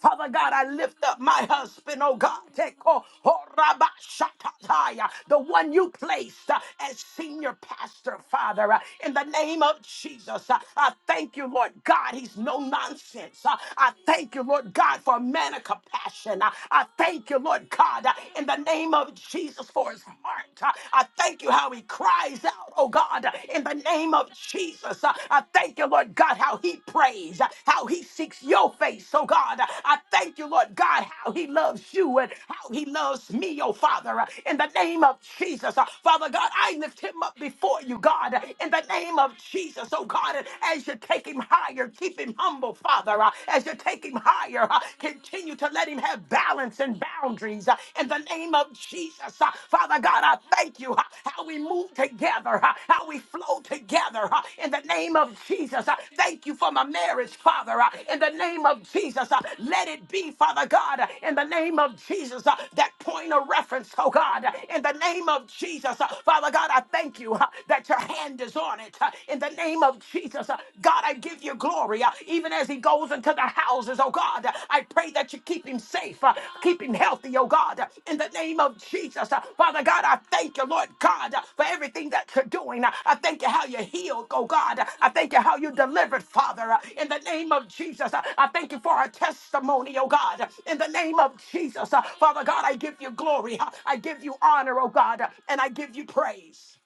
Speaker 1: Father God, I lift up my husband, oh God, Teko horabashatataya, the one you placed uh, as senior pastor, Father, uh, in the name of Jesus. uh, I thank you, Lord God, he's no nonsense. Uh, I thank you, Lord God, for a man of compassion. Uh, I thank you, Lord God, uh, in the name of Jesus for his heart. Uh, I thank you how he cries out, oh God, uh, in the name of name of Jesus. Uh, I thank you, Lord God, how he prays, uh, how he seeks your face. So, God, uh, I thank you, Lord God, how he loves you and how he loves me, oh Father, uh, in the name of Jesus. Uh, Father God, I lift him up before you, God, uh, in the name of Jesus. Oh God, and as you take him higher, keep him humble, Father. Uh, As you take him higher, uh, continue to let him have balance and boundaries uh, in the name name of Jesus. Uh, Father God, I thank you uh, how we move together, uh, how we flow together uh, in the name of Jesus. Uh, Thank you for my marriage, Father, uh, in the name of Jesus. Uh, Let it be, Father God, uh, in the name of Jesus, uh, that point of reference, oh God, uh, in the name of Jesus. Uh, Father God, I thank you uh, that your hand is on it uh, in the name of Jesus. Uh, God, I give you glory, uh, even as as he goes into the houses, oh God. I pray that you keep him safe, uh, keep him healthy, oh God, in the name of Jesus. Uh, Father God, I thank you, Lord God, uh, for everything that you're doing. Uh, I thank you how you healed, oh God. I thank you how you delivered, Father, uh, in the name of Jesus. Uh, I thank you for our testimony, oh God, in the name of Jesus. Uh, Father God, I give you glory, uh, I give you honor, oh God, uh, and I give you praise.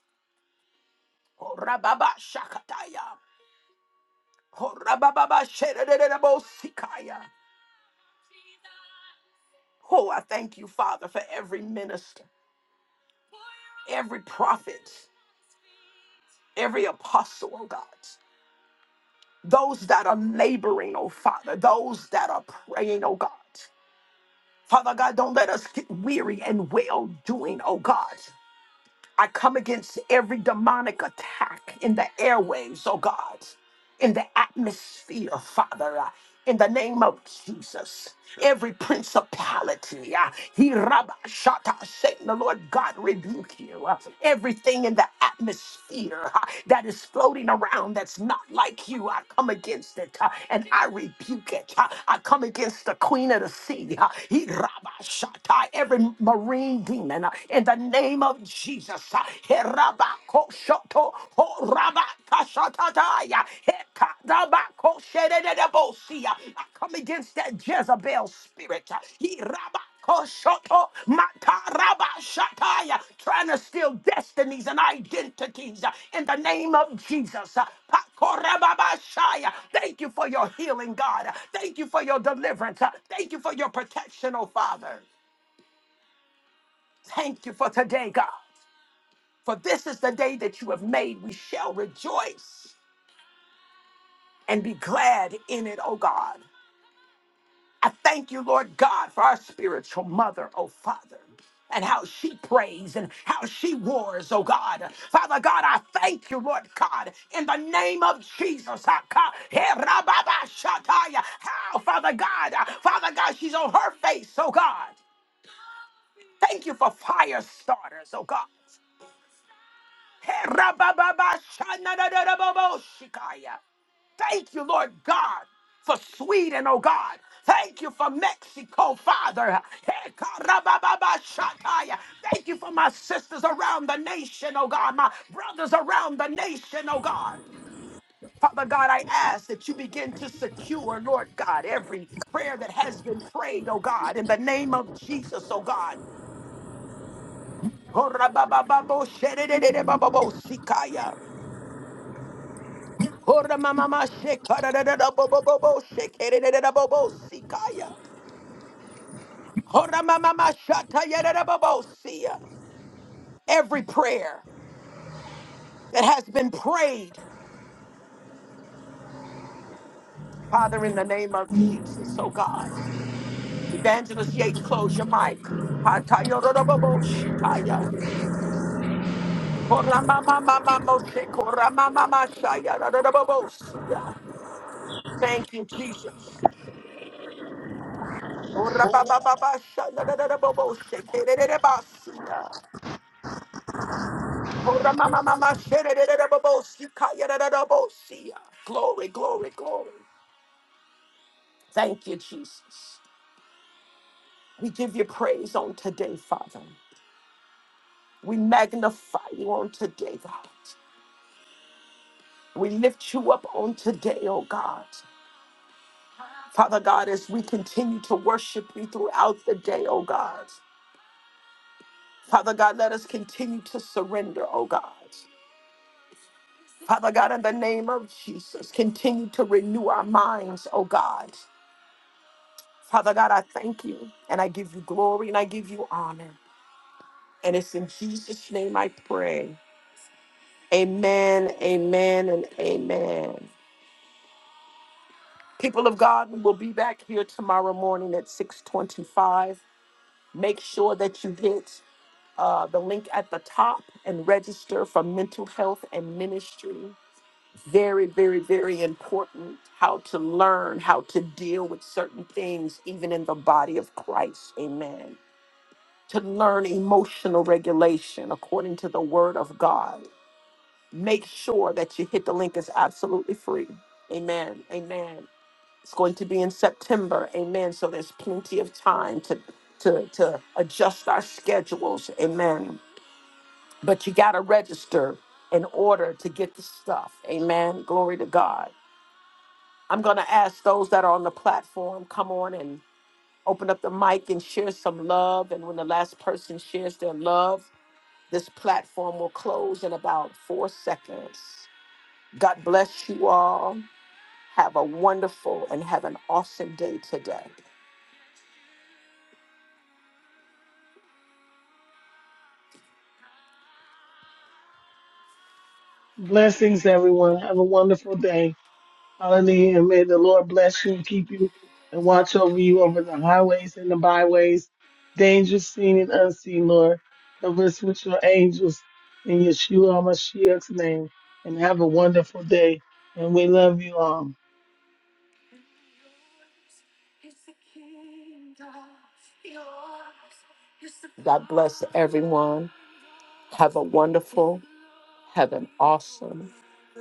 Speaker 1: Oh, Rababa Shakataya. Oh, Rababa Shedededebo Sikaya. Oh, I thank you, Father, for every minister, every prophet, every apostle, oh God. Those that are laboring, oh Father, those that are praying, oh God. Father God, don't let us get weary and well doing, oh God. I come against every demonic attack in the airwaves, oh God. in the atmosphere, Father, uh, in the name of Jesus. Every principality, uh, he rabba shata, Satan, the Lord God rebuke you. Uh, everything in the atmosphere uh, that is floating around that's not like you, I come against it uh, and I rebuke it. Uh, I come against the queen of the sea. Uh, he rabba shata, every marine demon uh, in the name of Jesus. uh, Rabakoshoto, ho rabakashatataya, hekadabakoshedededebosia. I come against that Jezebel spirit. He rabakoshoto, matarabashataya, Trying to steal destinies and identities uh, in the name of Jesus. Uh, pakorababashaya. Thank you for your healing, God. Thank you for your deliverance. Uh, Thank you for your protection, oh Father. Thank you for today, God. For this is the day that you have made. We shall rejoice and be glad in it, O God. I thank you, Lord God, for our spiritual mother, O Father, and how she prays and how she wars, O God. Father God, I thank you, Lord God, in the name of Jesus. I ca- Herababashataya. How, Father God, uh, Father God, she's on her face, O God. Thank you for fire starters, oh God. Herabababashanadadadababoshikaya. Thank you, Lord God, for Sweden, oh God. Thank you for Mexico, Father. Hekarabababashataya. Thank you for my sisters around the nation, oh God, my brothers around the nation, oh God. Father God, I ask that you begin to secure, Lord God, every prayer that has been prayed, oh God, in the name of Jesus, oh God. Horababababosherererebabosikaya. Hora mama ma shekara da da da bo bo bo bo shekere da da da bo bo sikaya. Hora mama ma shata ya da da bo bo siya. Every prayer that has been prayed, Father, in the name of Jesus, oh God. Evangelist Yates, close your mic. Hata ya da da bo bo shikaya. Hora mama mama mo shekora mama ma shaya da da da bo bo siya. Thank you, Jesus. Hora ba ba ba ba shaya da da da bo bo shekere da da ba siya. Ora mama mama shere de de de bo si ka de de de bo si. Glory, glory, glory. Thank you, Jesus. We give you praise on today, Father. We magnify you on today, God. We lift you up on today, oh God. Father God, as we continue to worship you throughout the day, oh God. Father God, let us continue to surrender, oh God. Father God, in the name of Jesus, continue to renew our minds, oh God. Father God, I thank you and I give you glory and I give you honor. And it's in Jesus' name I pray. Amen, amen, and amen. People of God, we will be back here tomorrow morning at 625. Make sure that you hit uh, the link at the top and register for mental health and ministry. Very, very, very important how to learn how to deal with certain things, even in the body of Christ. Amen. to learn emotional regulation according to the word of God. Make sure that you hit the link. It's absolutely free. Amen. Amen. It's going to be in September. Amen. So there's plenty of time to to to adjust our schedules. Amen. But you gotta register in order to get the stuff. Amen. Glory to God. I'm gonna ask those that are on the platform, come on and open up the mic and share some love. And when the last person shares their love, This platform will close in about four seconds. God bless you all. Have a wonderful and have an awesome day today.
Speaker 3: Blessings, everyone. Have a wonderful day. Hallelujah. And may the Lord bless you and keep you and watch over you over the highways and the byways, dangerous seen and unseen, Lord. Cover us with your angels in Yeshua HaMashiach's name. And have a wonderful day. And we love you all.
Speaker 1: God bless everyone. Have a wonderful, have an awesome,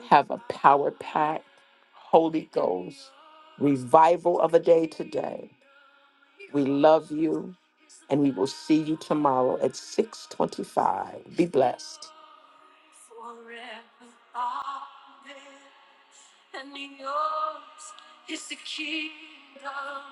Speaker 1: have a power packed Holy Ghost revival of a day today. We love you and we will see you tomorrow at 6:25. Be blessed. forever bondage, and yours is the kingdom